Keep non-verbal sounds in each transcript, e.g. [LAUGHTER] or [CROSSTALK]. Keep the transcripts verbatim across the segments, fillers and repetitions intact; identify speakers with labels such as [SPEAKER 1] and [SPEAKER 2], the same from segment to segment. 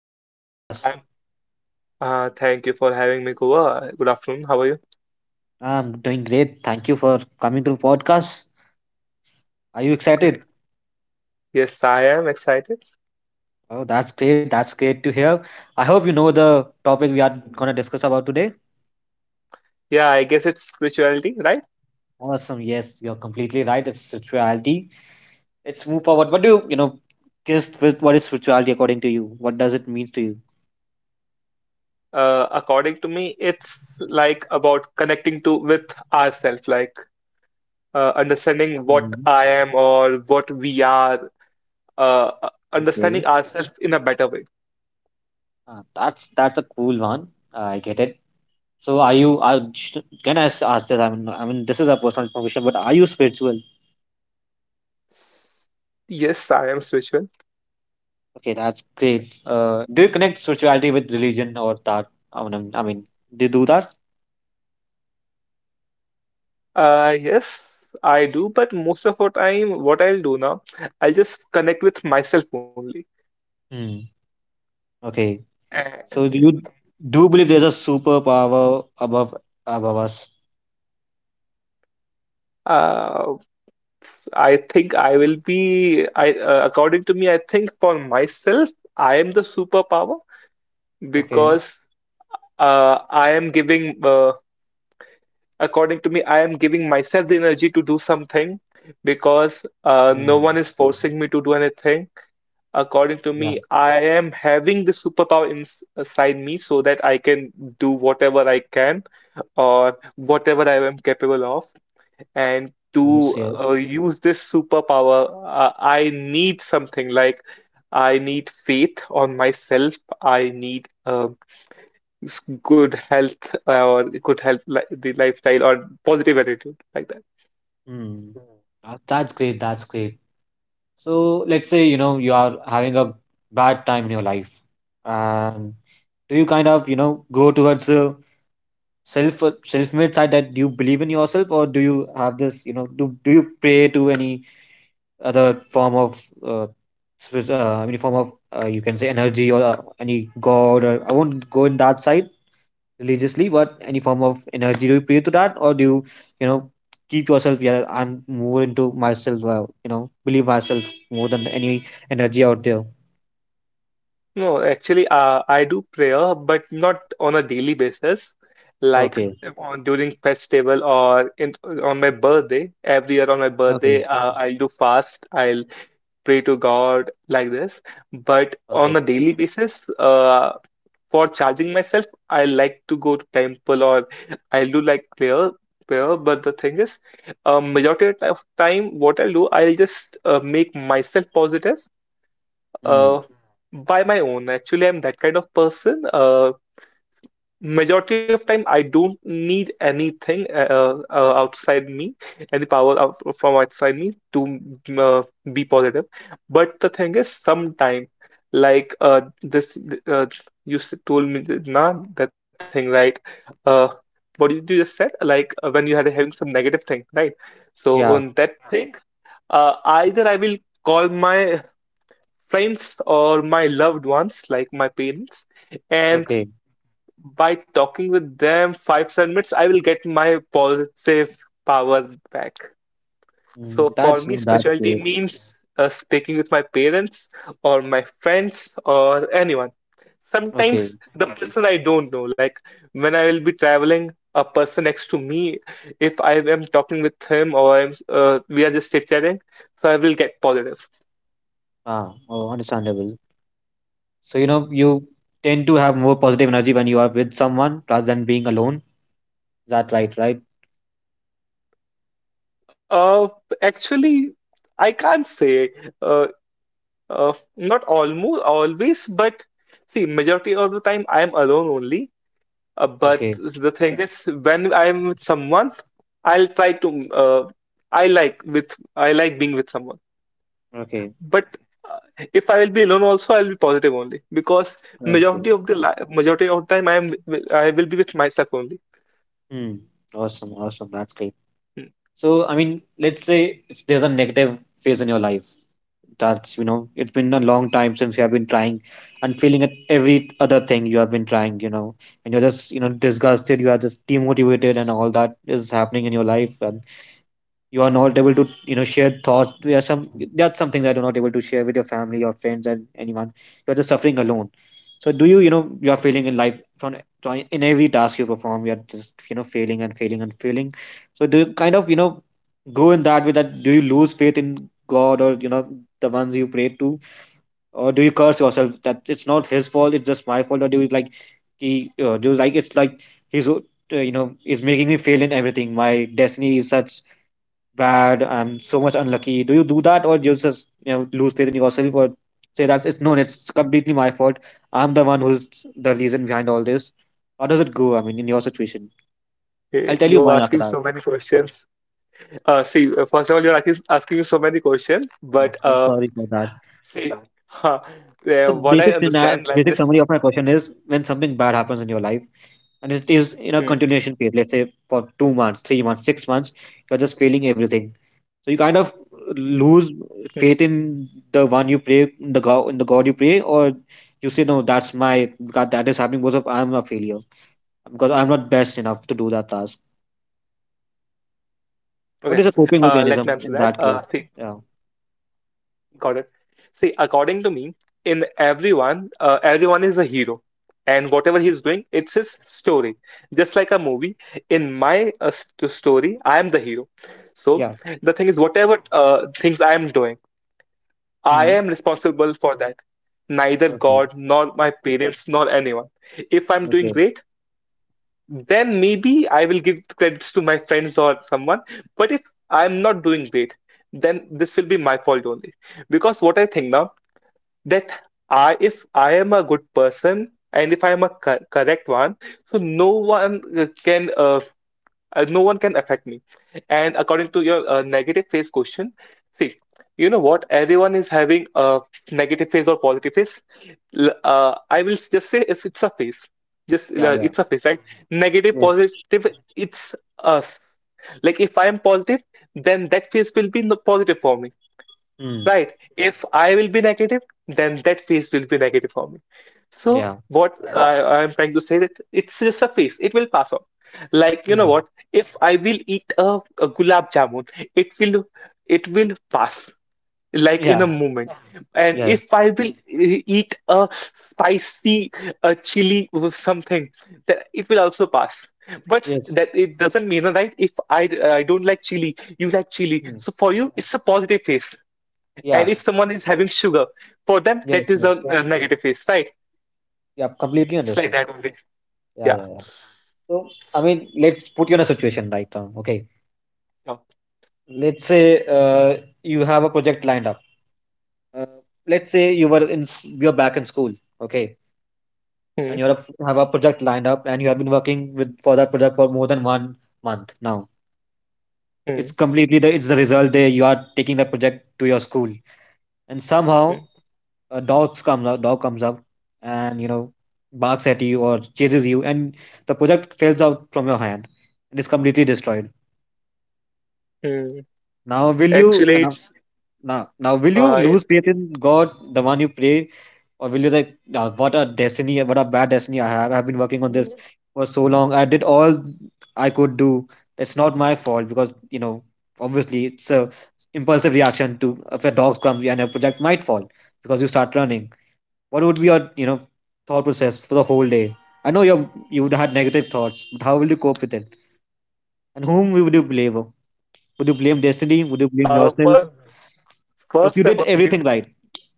[SPEAKER 1] Welcome to the podcast.
[SPEAKER 2] Um, Uh, thank you for having me, Kuva. Good afternoon. How are you?
[SPEAKER 1] I'm doing great. Thank you for coming to the podcast. Are you
[SPEAKER 2] Great.
[SPEAKER 1] excited?
[SPEAKER 2] Yes, I am excited.
[SPEAKER 1] Oh, that's great. That's great to hear. I hope you know the topic we are going to discuss about today.
[SPEAKER 2] Yeah, I guess it's spirituality, right?
[SPEAKER 1] Awesome. Yes, you're completely right. It's spirituality. Let's move forward. What do you, you know, just with what is spirituality according to you? What does it mean to you?
[SPEAKER 2] Uh, according to me, it's like about connecting to with ourselves, like uh, understanding what
[SPEAKER 1] Mhm.
[SPEAKER 2] I am or what we are, uh, uh,
[SPEAKER 1] Okay.
[SPEAKER 2] understanding ourselves in a better way.
[SPEAKER 1] Ah, that's that's a cool one. I get it. So, are you? Are, sh- can I s- ask this? I mean, I mean, this is a personal information, but are you spiritual?
[SPEAKER 2] Yes, I am spiritual.
[SPEAKER 1] Okay, that's great. Uh, do you connect spirituality with religion or that? I mean, I mean, do you do that?
[SPEAKER 2] Uh, yes, I do. But most of the time, what I'll do now, I'll just connect with myself only.
[SPEAKER 1] Hmm. Okay.
[SPEAKER 2] And,
[SPEAKER 1] So do
[SPEAKER 2] hmm,
[SPEAKER 1] you do you believe there's a superpower above above us?
[SPEAKER 2] uh, I think I will be, I uh, according to me, I think for myself, I am the superpower
[SPEAKER 1] Okay.
[SPEAKER 2] because uh, I am giving, uh, according to me, I am giving myself the energy to do something because uh, no
[SPEAKER 1] Hmm.
[SPEAKER 2] one is forcing me to do anything. According to
[SPEAKER 1] Yeah.
[SPEAKER 2] me, I am having the superpower ins- inside me so that I can do whatever I can or whatever I am capable of. And
[SPEAKER 1] Yes.
[SPEAKER 2] to
[SPEAKER 1] Yeah.
[SPEAKER 2] uh, use this superpower, uh, I need something like I need faith on myself. I need uh, s- good health or good health, li the lifestyle or positive attitude like that.
[SPEAKER 1] Hmm. That, that's great. That's great. So let's say you know you are having a bad time in your life, and do you kind of you know go towards the self self-made side that you believe in yourself, or do you have this you know do do you pray to any other form of uh, uh, any form of uh, you can say energy, or uh, any god? Or I won't go in that side religiously, but any form of energy, do you pray to that, or do you you know keep yourself? Yeah, I'm more into myself, uh, you know, believe myself more than any energy out there.
[SPEAKER 2] No, actually, uh, I do prayer, but not on a daily basis. Like
[SPEAKER 1] Okay.
[SPEAKER 2] on during festival or in, on my birthday, every year on my birthday,
[SPEAKER 1] Okay.
[SPEAKER 2] uh, I'll do fast. I'll pray to God like this. But on
[SPEAKER 1] Okay.
[SPEAKER 2] a daily basis, uh, for charging myself, I like to go to temple or I'll do like prayer, prayer. But the thing is, uh, majority of time, what I'll do, I'll just uh, make myself positive
[SPEAKER 1] Mm.
[SPEAKER 2] uh, by my own. Actually, I'm that kind of person. Uh, Majority of time, I don't need anything uh, uh, uh, outside me, any power out from outside me to mm, uh, be positive. But the thing is, sometime, like uh, this, uh, you s- told me that, nah, that thing, right? Uh, what did you just said? Like uh, when you had having some negative thing, right? So on
[SPEAKER 1] Yeah.
[SPEAKER 2] that thing, uh, either I will call my friends or my loved ones, like my parents. And
[SPEAKER 1] Okay.
[SPEAKER 2] by talking with them five, seven minutes, I will get my positive power back.
[SPEAKER 1] Mm,
[SPEAKER 2] So for
[SPEAKER 1] that's
[SPEAKER 2] me,
[SPEAKER 1] that's
[SPEAKER 2] spirituality
[SPEAKER 1] good.
[SPEAKER 2] means uh, speaking with my parents or my friends or anyone.
[SPEAKER 1] Okay.
[SPEAKER 2] Sometimes the person I don't know, like when I will be traveling, a person next to me, if I am talking with him or I'm, uh, we are just chit-chatting, so I will get positive.
[SPEAKER 1] Ah, oh, understandable. So you know you tend to have more positive energy when you are with someone rather than being alone, that right? Right?
[SPEAKER 2] Uh, Actually, I can't say. uh. Uh, Not almost always, but see, majority of time I am alone only. Uh, but
[SPEAKER 1] Okay.
[SPEAKER 2] the thing is, when I am with someone, I'll try to. Uh, I like with I like being with someone.
[SPEAKER 1] Okay.
[SPEAKER 2] But uh, if I will be alone, also I'll be positive only because
[SPEAKER 1] Okay.
[SPEAKER 2] majority of the li majority of the time I am wi- I will be with myself only.
[SPEAKER 1] Hmm. Awesome. Awesome. That's great.
[SPEAKER 2] Hmm.
[SPEAKER 1] So, I mean, let's say if there's a negative phase in your life, that's, you know, it's been a long time since you have been trying and failing at every other thing you have been trying, you know, and you're just, you know, disgusted, you are just demotivated, and all that is happening in your life. And you are not able to you know share thoughts. There are some, that's something that you're not able to share with your family, your friends, and anyone. You're just suffering alone. So do you, you know, you're failing in life from from- in every task you perform, you're just you know failing and failing and failing. So do you kind of you know go in that way that do you lose faith in God, or you know, the ones you pray to? Or do you curse yourself that it's not his fault, it's just my fault? Or do you like he uh, do you like it's like he's uh, you know is making me fail in everything? My destiny is such bad. I'm so much unlucky. Do you do that, or do you just you know lose faith in yourself, or say that it's no, it's completely my fault. I'm the one who's the reason behind all this. How does it go? I mean, in your situation, I'll
[SPEAKER 2] Eh,
[SPEAKER 1] tell you
[SPEAKER 2] you are
[SPEAKER 1] mine after
[SPEAKER 2] asking
[SPEAKER 1] that.
[SPEAKER 2] so many questions. Uh, see, uh, first of all, you're asking, asking so many questions,
[SPEAKER 1] Oh,
[SPEAKER 2] but
[SPEAKER 1] I'm
[SPEAKER 2] uh,
[SPEAKER 1] sorry for that.
[SPEAKER 2] [LAUGHS] See, huh, yeah,
[SPEAKER 1] So
[SPEAKER 2] what I
[SPEAKER 1] basic scena-
[SPEAKER 2] understand, like
[SPEAKER 1] basic
[SPEAKER 2] this.
[SPEAKER 1] summary of my question is when something bad happens in your life and it is in a
[SPEAKER 2] Hmm,
[SPEAKER 1] continuation period, let's say for two months, three months, six months, you're just failing everything. So you kind of
[SPEAKER 2] hmm.
[SPEAKER 1] lose faith in the one you pray, in the God, in the God you pray, or you say, no, that's my God, that is happening because of I'm a failure, because I'm not best enough to do that task.
[SPEAKER 2] Okay,
[SPEAKER 1] What is a
[SPEAKER 2] uh,
[SPEAKER 1] coping
[SPEAKER 2] let me answer
[SPEAKER 1] mechanism
[SPEAKER 2] that.
[SPEAKER 1] in that
[SPEAKER 2] Uh,
[SPEAKER 1] case?
[SPEAKER 2] see,
[SPEAKER 1] Yeah,
[SPEAKER 2] got it. See, according to me, in everyone, uh, everyone is a hero, and whatever he is doing, it's his story. Just like a movie, in my uh, story, I am the hero. So
[SPEAKER 1] yeah.
[SPEAKER 2] the thing is, whatever uh, things I am doing, I
[SPEAKER 1] Mm.
[SPEAKER 2] am responsible for that. Neither
[SPEAKER 1] Okay,
[SPEAKER 2] God, nor my parents, nor anyone. If I'm doing
[SPEAKER 1] okay.
[SPEAKER 2] great, then maybe I will give credits to my friends or someone. But if I'm not doing great, then this will be my fault only. Because what I think now that I, if I am a good person and if I am a co- correct one, so no one uh, can, uh, uh, no one can affect me. And according to your uh, negative phase question, see, you know what? Everyone is having a negative phase or positive phase. L- uh, I will just say it's, it's a phase. Just
[SPEAKER 1] Yeah,
[SPEAKER 2] uh,
[SPEAKER 1] yeah.
[SPEAKER 2] a phase, right? Negative,
[SPEAKER 1] Yes.
[SPEAKER 2] positive, it's us. Like if I am positive, then that phase will be no- positive for me,
[SPEAKER 1] Mm.
[SPEAKER 2] right? If I will be negative, then that phase will be negative for me. So
[SPEAKER 1] Yeah.
[SPEAKER 2] what I, I am trying to say that it's just a phase. It will pass off. Like you know
[SPEAKER 1] Mm.
[SPEAKER 2] what? If I will eat a, a gulab jamun, it will it will pass like in
[SPEAKER 1] Yeah.
[SPEAKER 2] a moment. And
[SPEAKER 1] Yes.
[SPEAKER 2] if I will e- eat a spicy uh, chili with something, that it will also pass. But s-
[SPEAKER 1] Yes.
[SPEAKER 2] that it doesn't mean right. If I d- I don't like chili, you like chili.
[SPEAKER 1] Mm.
[SPEAKER 2] So for you, it's a positive face. And
[SPEAKER 1] Yeah.
[SPEAKER 2] if someone is having sugar, for them that
[SPEAKER 1] Yes.
[SPEAKER 2] is a,
[SPEAKER 1] Yes.
[SPEAKER 2] a negative face, right?
[SPEAKER 1] Yeah. Completely
[SPEAKER 2] It's like
[SPEAKER 1] understood.
[SPEAKER 2] that only.
[SPEAKER 1] Yeah.
[SPEAKER 2] Yeah,
[SPEAKER 1] Yeah. Yeah. So I mean, let's put you in a situation right now. Okay.
[SPEAKER 2] yeah.
[SPEAKER 1] Let's say uh, you have a project lined up. uh, let's say you were in s- you're back in school, okay,
[SPEAKER 2] Mm,
[SPEAKER 1] and you have a, have a project lined up, and you have been working with for that project for more than one month now. It's
[SPEAKER 2] mm,
[SPEAKER 1] completely the it's the result day, you are taking that project to your school, and somehow
[SPEAKER 2] mm,
[SPEAKER 1] a dog comes up dog comes up and you know barks at you or chases you, and the project falls out from your hand and is completely destroyed.
[SPEAKER 2] mm.
[SPEAKER 1] Now will you
[SPEAKER 2] Actually, it's
[SPEAKER 1] Now, now, will you
[SPEAKER 2] uh, it,
[SPEAKER 1] lose faith in God, the one you pray, or will you like, "Nah, what a destiny, what a bad destiny I have? I've been working on this for so long. I did all I could do. It's not my fault because you know, obviously, it's a impulsive reaction to if a dog comes and a project might fall because you start running." What would be your you know thought process for the whole day? I know you you would had negative thoughts, but how will you cope with it? And whom would you
[SPEAKER 2] uh,
[SPEAKER 1] blame?
[SPEAKER 2] first,
[SPEAKER 1] Would you blame
[SPEAKER 2] first
[SPEAKER 1] destiny?
[SPEAKER 2] of
[SPEAKER 1] Would you
[SPEAKER 2] all,
[SPEAKER 1] blame
[SPEAKER 2] you.
[SPEAKER 1] yourself? Because you
[SPEAKER 2] hmm,
[SPEAKER 1] did everything right.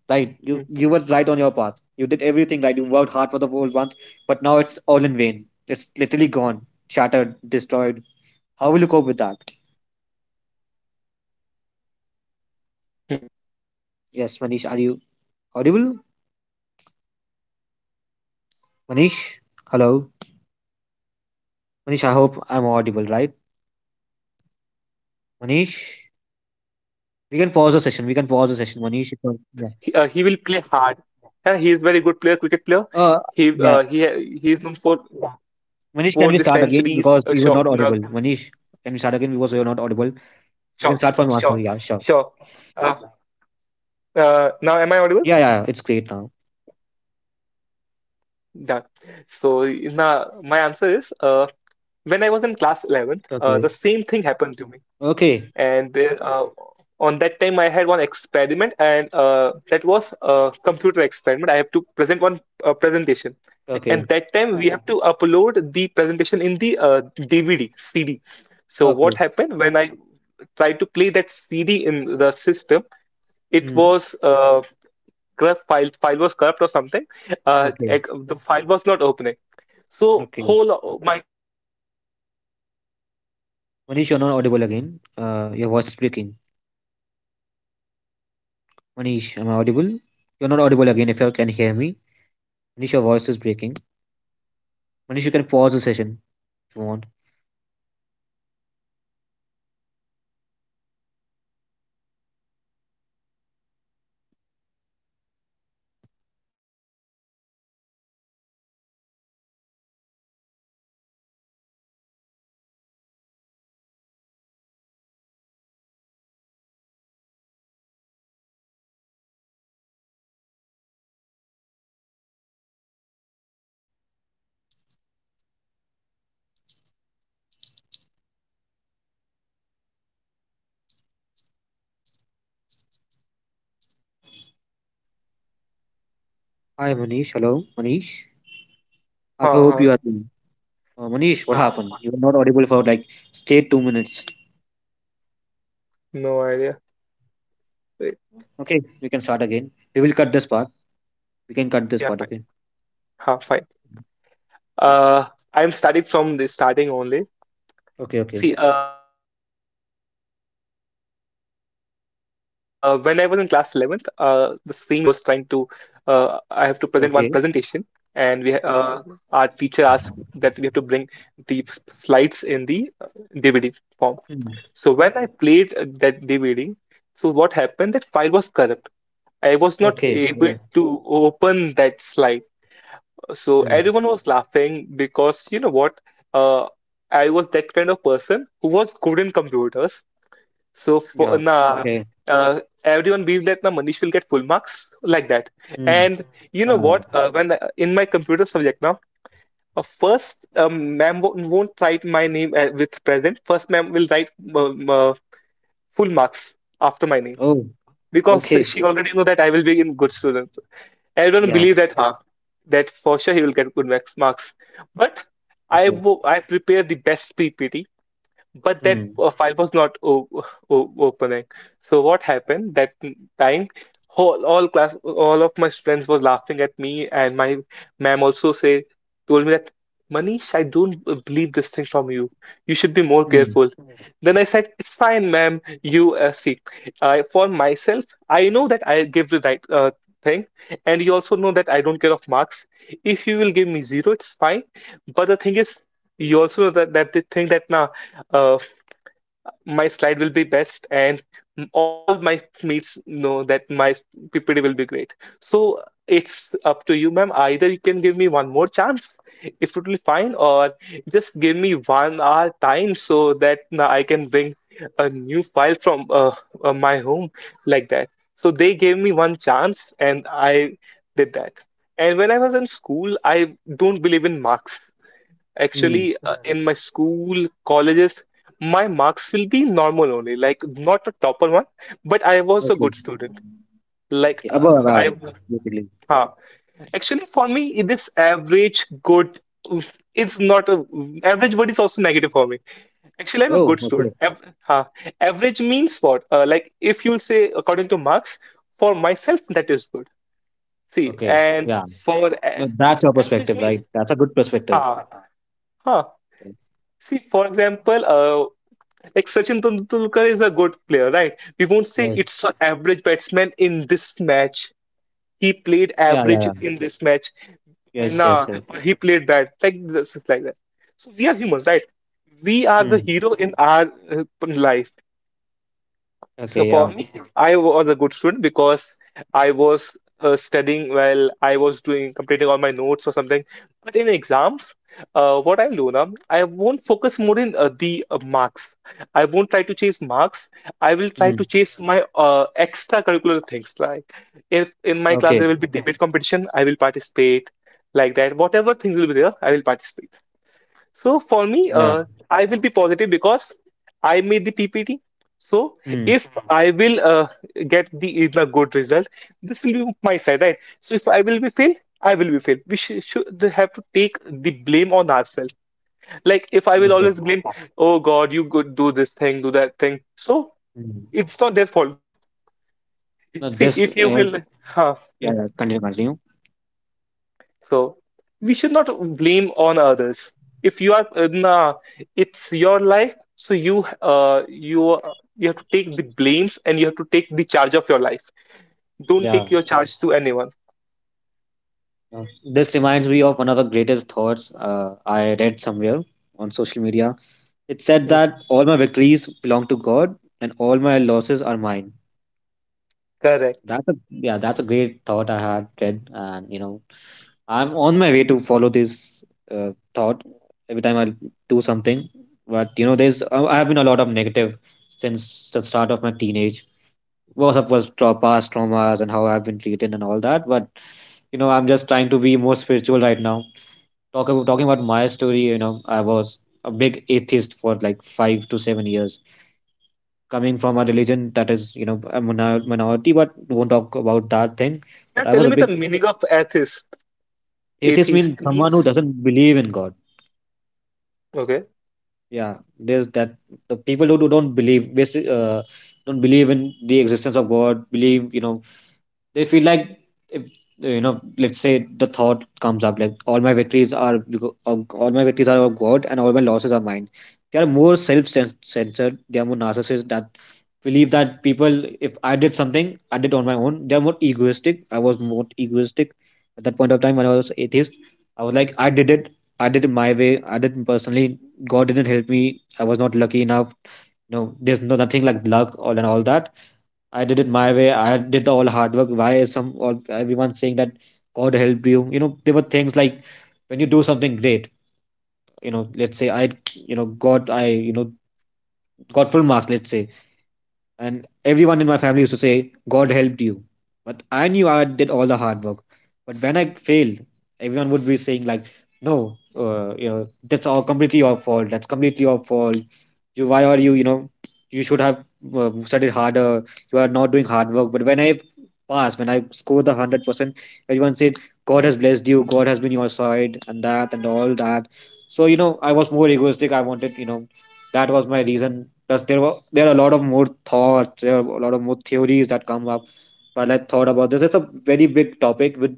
[SPEAKER 1] Right. You you were right on your path. You did everything right. You worked hard for the whole month, but now it's all in vain. It's literally gone, shattered, destroyed. How will you cope with that?
[SPEAKER 2] hmm. Uh, you know what?
[SPEAKER 1] Yes,
[SPEAKER 2] Uh,
[SPEAKER 1] Manish,
[SPEAKER 2] when
[SPEAKER 1] are
[SPEAKER 2] I
[SPEAKER 1] you
[SPEAKER 2] was in uh,
[SPEAKER 1] audible?
[SPEAKER 2] class eleventh, uh, I had uh, one experiment
[SPEAKER 1] Manish,
[SPEAKER 2] in which
[SPEAKER 1] hello.
[SPEAKER 2] same thing happened to me.
[SPEAKER 1] Manish, I
[SPEAKER 2] But on
[SPEAKER 1] hope
[SPEAKER 2] that
[SPEAKER 1] I'm
[SPEAKER 2] time also, I
[SPEAKER 1] audible,
[SPEAKER 2] was
[SPEAKER 1] right?
[SPEAKER 2] positive only because you know what? Like if uh, you
[SPEAKER 1] Manish,
[SPEAKER 2] know what Sachin
[SPEAKER 1] we
[SPEAKER 2] Tendulkar,
[SPEAKER 1] can
[SPEAKER 2] he's a
[SPEAKER 1] pause the session.
[SPEAKER 2] good
[SPEAKER 1] We can
[SPEAKER 2] player.
[SPEAKER 1] pause the session,
[SPEAKER 2] Like,
[SPEAKER 1] Manish.
[SPEAKER 2] but the
[SPEAKER 1] It's not-
[SPEAKER 2] thing is,
[SPEAKER 1] yeah.
[SPEAKER 2] he, uh, he will play hard. Yeah, he is very good player, cricket player.
[SPEAKER 1] Uh,
[SPEAKER 2] He
[SPEAKER 1] yeah.
[SPEAKER 2] uh, he ha- he is known for
[SPEAKER 1] Manish, can we
[SPEAKER 2] for the
[SPEAKER 1] start again
[SPEAKER 2] centuries.
[SPEAKER 1] because
[SPEAKER 2] Uh,
[SPEAKER 1] we were
[SPEAKER 2] shot,
[SPEAKER 1] not
[SPEAKER 2] no,
[SPEAKER 1] audible? Manish, can we start again because we were not audible? We can
[SPEAKER 2] shot,
[SPEAKER 1] start from Arsenal.
[SPEAKER 2] shot,
[SPEAKER 1] Yeah, sure.
[SPEAKER 2] shot. Uh, uh, Now, am I audible?
[SPEAKER 1] Yeah, yeah, yeah, it's great now.
[SPEAKER 2] Yeah. So na my answer is uh, when I was in class eleventh,
[SPEAKER 1] Okay.
[SPEAKER 2] uh, the same thing happened to me.
[SPEAKER 1] Okay.
[SPEAKER 2] And on that time, I had one experiment, and uh, that was a computer experiment. I have to present one uh, presentation.
[SPEAKER 1] Okay.
[SPEAKER 2] And that time, we have to upload the presentation in the uh, D V D, C D. So
[SPEAKER 1] Okay.
[SPEAKER 2] what happened when I tried to play that C D in the system? It
[SPEAKER 1] Hmm.
[SPEAKER 2] was uh, corrupt file. File was corrupt or something. Uh,
[SPEAKER 1] Okay.
[SPEAKER 2] ex- the file was not opening. So
[SPEAKER 1] Okay.
[SPEAKER 2] whole o- my class was laughing at me that uh, hey he- he's
[SPEAKER 1] Manish, you're
[SPEAKER 2] it's
[SPEAKER 1] not
[SPEAKER 2] not
[SPEAKER 1] audible
[SPEAKER 2] working,
[SPEAKER 1] again. Uh,
[SPEAKER 2] and
[SPEAKER 1] your
[SPEAKER 2] my
[SPEAKER 1] voice is
[SPEAKER 2] uh,
[SPEAKER 1] breaking.
[SPEAKER 2] uh, teacher was also scolding me that my Manish you should know
[SPEAKER 1] Manish,
[SPEAKER 2] this
[SPEAKER 1] am I
[SPEAKER 2] how to do
[SPEAKER 1] audible?
[SPEAKER 2] that thing.
[SPEAKER 1] You're not audible again if you can hear me. Manish, your voice is breaking. Manish, you can pause the session if you want.
[SPEAKER 2] Hello,
[SPEAKER 1] Manish, am I audible? Hi, Manish. Hello, Manish. I hope you
[SPEAKER 2] Huh,
[SPEAKER 1] are doing. Uh, Manish, what
[SPEAKER 2] huh,
[SPEAKER 1] happened?
[SPEAKER 2] huh.
[SPEAKER 1] You were not audible for like stay two minutes.
[SPEAKER 2] no idea. Wait,
[SPEAKER 1] Okay, we can start again. We will cut this part. We can cut this
[SPEAKER 2] yeah,
[SPEAKER 1] part.
[SPEAKER 2] fine.
[SPEAKER 1] Okay.
[SPEAKER 2] Huh, fine. Uh, I'm starting from the starting only.
[SPEAKER 1] Okay. Okay.
[SPEAKER 2] See, uh, when I was in class eleventh, uh, the same incident happened with me. I was trying to, uh, I have to present one presentation, and we,
[SPEAKER 1] Okay.
[SPEAKER 2] ha-
[SPEAKER 1] Okay.
[SPEAKER 2] uh, our teacher asked that we have to bring the s- slides in the uh, D V D form. So
[SPEAKER 1] Hmm.
[SPEAKER 2] when I played uh, that D V D, so what happened? That file was corrupt. I was not
[SPEAKER 1] Okay. Oh.
[SPEAKER 2] able to open that slide. So
[SPEAKER 1] Hmm.
[SPEAKER 2] everyone was laughing because you know what? Uh, I was that kind of person who was good in computers. So
[SPEAKER 1] Yeah.
[SPEAKER 2] for
[SPEAKER 1] Okay.
[SPEAKER 2] na, uh, everyone believed that na Manish will get full marks like that.
[SPEAKER 1] Hmm.
[SPEAKER 2] And you know
[SPEAKER 1] Uh,
[SPEAKER 2] what? Uh, when I- in my computer subject now, uh, first um, ma'am won't won't write my name uh, with present. First ma'am will write um, uh, full marks after my name
[SPEAKER 1] oh.
[SPEAKER 2] because
[SPEAKER 1] Okay.
[SPEAKER 2] she already know that I will be a good student. Everyone
[SPEAKER 1] Yeah.
[SPEAKER 2] believe that huh? That for sure he will get good max marks. But I
[SPEAKER 1] Okay.
[SPEAKER 2] wo- I prepare the best P P T but that
[SPEAKER 1] Hmm.
[SPEAKER 2] uh, file was not o o opening. So what happened that time? Whole, all class, all of my friends were laughing at me, and my ma'am also say told me that Manish, I don't b- believe this thing from you. You should be more
[SPEAKER 1] Hmm.
[SPEAKER 2] careful. Then I said, it's fine, ma'am. You uh, see, I for myself, I know that I give the right uh, thing, and you also know that I don't care of marks. If you will give me zero, it's fine. But the thing
[SPEAKER 1] Yes,
[SPEAKER 2] is,
[SPEAKER 1] yes.
[SPEAKER 2] you also know that that the thing that now my slide will be best and
[SPEAKER 1] Yes, yes. Continue.
[SPEAKER 2] all
[SPEAKER 1] Hello,
[SPEAKER 2] my
[SPEAKER 1] Manish.
[SPEAKER 2] mates know that my P P T will be great. So it's up to you, ma'am.
[SPEAKER 1] Hello.
[SPEAKER 2] Either you can give me one more chance, if it will be fine, or just give me one hour time so that now I can bring a new file from uh, uh, my home like that. So they gave me one chance and I did that. And when I was in school, I don't believe in marks.
[SPEAKER 1] Hmm.
[SPEAKER 2] Actually, uh, in my school, colleges, my marks will be normal only, like not a topper one, but I was a
[SPEAKER 1] Okay.
[SPEAKER 2] good student. Like
[SPEAKER 1] Okay.
[SPEAKER 2] uh,
[SPEAKER 1] Above
[SPEAKER 2] I,
[SPEAKER 1] average, basically.
[SPEAKER 2] uh, actually for me, it is average good. Oof, it's not a average word is also negative for me. Actually, I'm a
[SPEAKER 1] Oh,
[SPEAKER 2] good
[SPEAKER 1] okay.
[SPEAKER 2] student. Av uh, Average means what? Uh, like if you'll say according to marks, for myself that is good. See,
[SPEAKER 1] Okay.
[SPEAKER 2] and
[SPEAKER 1] Yeah.
[SPEAKER 2] for a
[SPEAKER 1] No, that's your
[SPEAKER 2] average
[SPEAKER 1] perspective, right?
[SPEAKER 2] means
[SPEAKER 1] That's a good perspective.
[SPEAKER 2] ah, huh.
[SPEAKER 1] Yes.
[SPEAKER 2] See, for example, uh, like Sachin Tendulkar is a good player, right? We won't say
[SPEAKER 1] Yes.
[SPEAKER 2] it's an average batsman in this match. He played
[SPEAKER 1] Yeah, yeah,
[SPEAKER 2] average
[SPEAKER 1] yeah.
[SPEAKER 2] in this match.
[SPEAKER 1] Yes,
[SPEAKER 2] Nah,
[SPEAKER 1] yes, yes.
[SPEAKER 2] he played bad. Like this, like that. So we are humans, right? We are the
[SPEAKER 1] Hmm.
[SPEAKER 2] hero in our uh, life. So
[SPEAKER 1] Okay,
[SPEAKER 2] for
[SPEAKER 1] yeah.
[SPEAKER 2] me, I was a good student because I was uh, studying while I was doing completing all my notes or something. But in exams, uh, what I'll do now, I won't focus more in uh, the uh, marks. I won't try to chase marks. I will try to
[SPEAKER 1] Hmm.
[SPEAKER 2] chase my uh, extracurricular things. Like if in my class
[SPEAKER 1] Okay.
[SPEAKER 2] there will be debate competition, I will participate. Like that, whatever things will be there, I will participate. So for me,
[SPEAKER 1] Yeah.
[SPEAKER 2] uh, I will be positive because I made the P P T. So
[SPEAKER 1] Hmm.
[SPEAKER 2] if I will uh, get the a good result, this will be my side, right? So if I will be fail, I will be fail. We should, should have to take the blame on ourselves. Like if I will
[SPEAKER 1] Okay.
[SPEAKER 2] always blame, oh God, you could do this thing, do that thing. So
[SPEAKER 1] Hmm.
[SPEAKER 2] it's not their fault, now.
[SPEAKER 1] No,
[SPEAKER 2] See,
[SPEAKER 1] this, uh,
[SPEAKER 2] if you
[SPEAKER 1] yeah,
[SPEAKER 2] will, huh?
[SPEAKER 1] yeah, yeah. Continue, continue.
[SPEAKER 2] So we should not blame on others. If you are uh, nah, it's your life, so you uh you you have to take the blames and you have to take the charge of your life. Don't
[SPEAKER 1] Yeah,
[SPEAKER 2] take your charge to anyone.
[SPEAKER 1] yeah. This reminds me of one of the greatest thoughts uh, I read somewhere on social media. It said
[SPEAKER 2] Hmm.
[SPEAKER 1] that all my victories belong to God and all my losses are mine.
[SPEAKER 2] Correct.
[SPEAKER 1] That's a yeah, that's a great thought I had read, and you know, I'm on my way to follow this uh, thought every time I do something. But you know, there's I I have been a lot of negative since the start of my teenage. Was of course tra- past traumas and how I've been treated and all that. But you know, I'm just trying to be more spiritual right now. Talk about talking about my story. You know, I was a big atheist for like five to seven years, coming from a religion that is you know a minor- minority, but will not talk about that thing. But
[SPEAKER 2] Now
[SPEAKER 1] I
[SPEAKER 2] tell
[SPEAKER 1] was a
[SPEAKER 2] me the
[SPEAKER 1] big
[SPEAKER 2] meaning of atheist.
[SPEAKER 1] atheist. Means
[SPEAKER 2] Atheist
[SPEAKER 1] someone who
[SPEAKER 2] means
[SPEAKER 1] doesn't believe in God.
[SPEAKER 2] okay.
[SPEAKER 1] Yeah, there's that. The people who do- don't believe basic, uh, don't believe in the existence of God, believe, you know, they feel like, if you know let's say the thought comes up like all my victories are beco- of- all my victories are of God and all my losses are mine, they are more self-censored, they are more narcissists, that believe that people if I did something I did on my own, they are more egoistic. I was more egoistic at that point of time when I was atheist. I was like I did it, I did it my way, I did it personally. God didn't help me. I was not lucky enough. No, there's no nothing like luck or and all that. I did it my way. I did the all hard work. Why is some all everyone saying that God helped you? You know, there were things like when you do something great, you know, let's say I, you know, got I, you know, got full marks, let's say, and everyone in my family used to say, God helped you. But I knew I did all the hard work. But when I failed, everyone would be saying, like, no, uh, you know, that's all completely your fault. That's completely your fault. You, why are you, you know, you should have uh, studied harder. You are not doing hard work. But when I pass, when I score the one hundred percent, everyone said, God has blessed you. God has been your side and that and all that. So, you know, I was more egoistic. I wanted, you know, that was my reason plus there were there are a lot of more thoughts, there are a lot of more theories that come up while I thought about this. It's a very big topic. would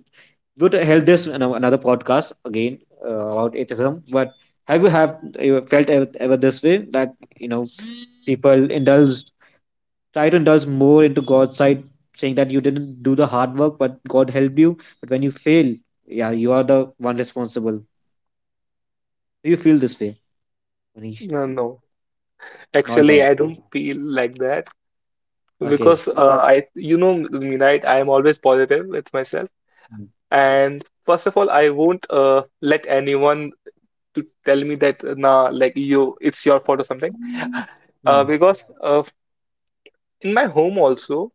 [SPEAKER 1] would help this in a- another podcast again, uh, about atheism. But have you have you felt ever, ever this way that you know people indulge try to indulge more into God's side, saying that you didn't do the hard work but God helped you, but when you fail, yeah, you are the one responsible? Do you feel this way, Manish?
[SPEAKER 2] No, no.
[SPEAKER 1] Not at
[SPEAKER 2] Actually,
[SPEAKER 1] all.
[SPEAKER 2] I don't feel like that
[SPEAKER 1] Okay.
[SPEAKER 2] because uh, I you know me, right? I am always positive with myself,
[SPEAKER 1] Hmm.
[SPEAKER 2] and first of all, I won't uh, let anyone to tell me that uh, nah, like you, it's your fault or something. Uh,
[SPEAKER 1] Hmm.
[SPEAKER 2] because uh, in my home also,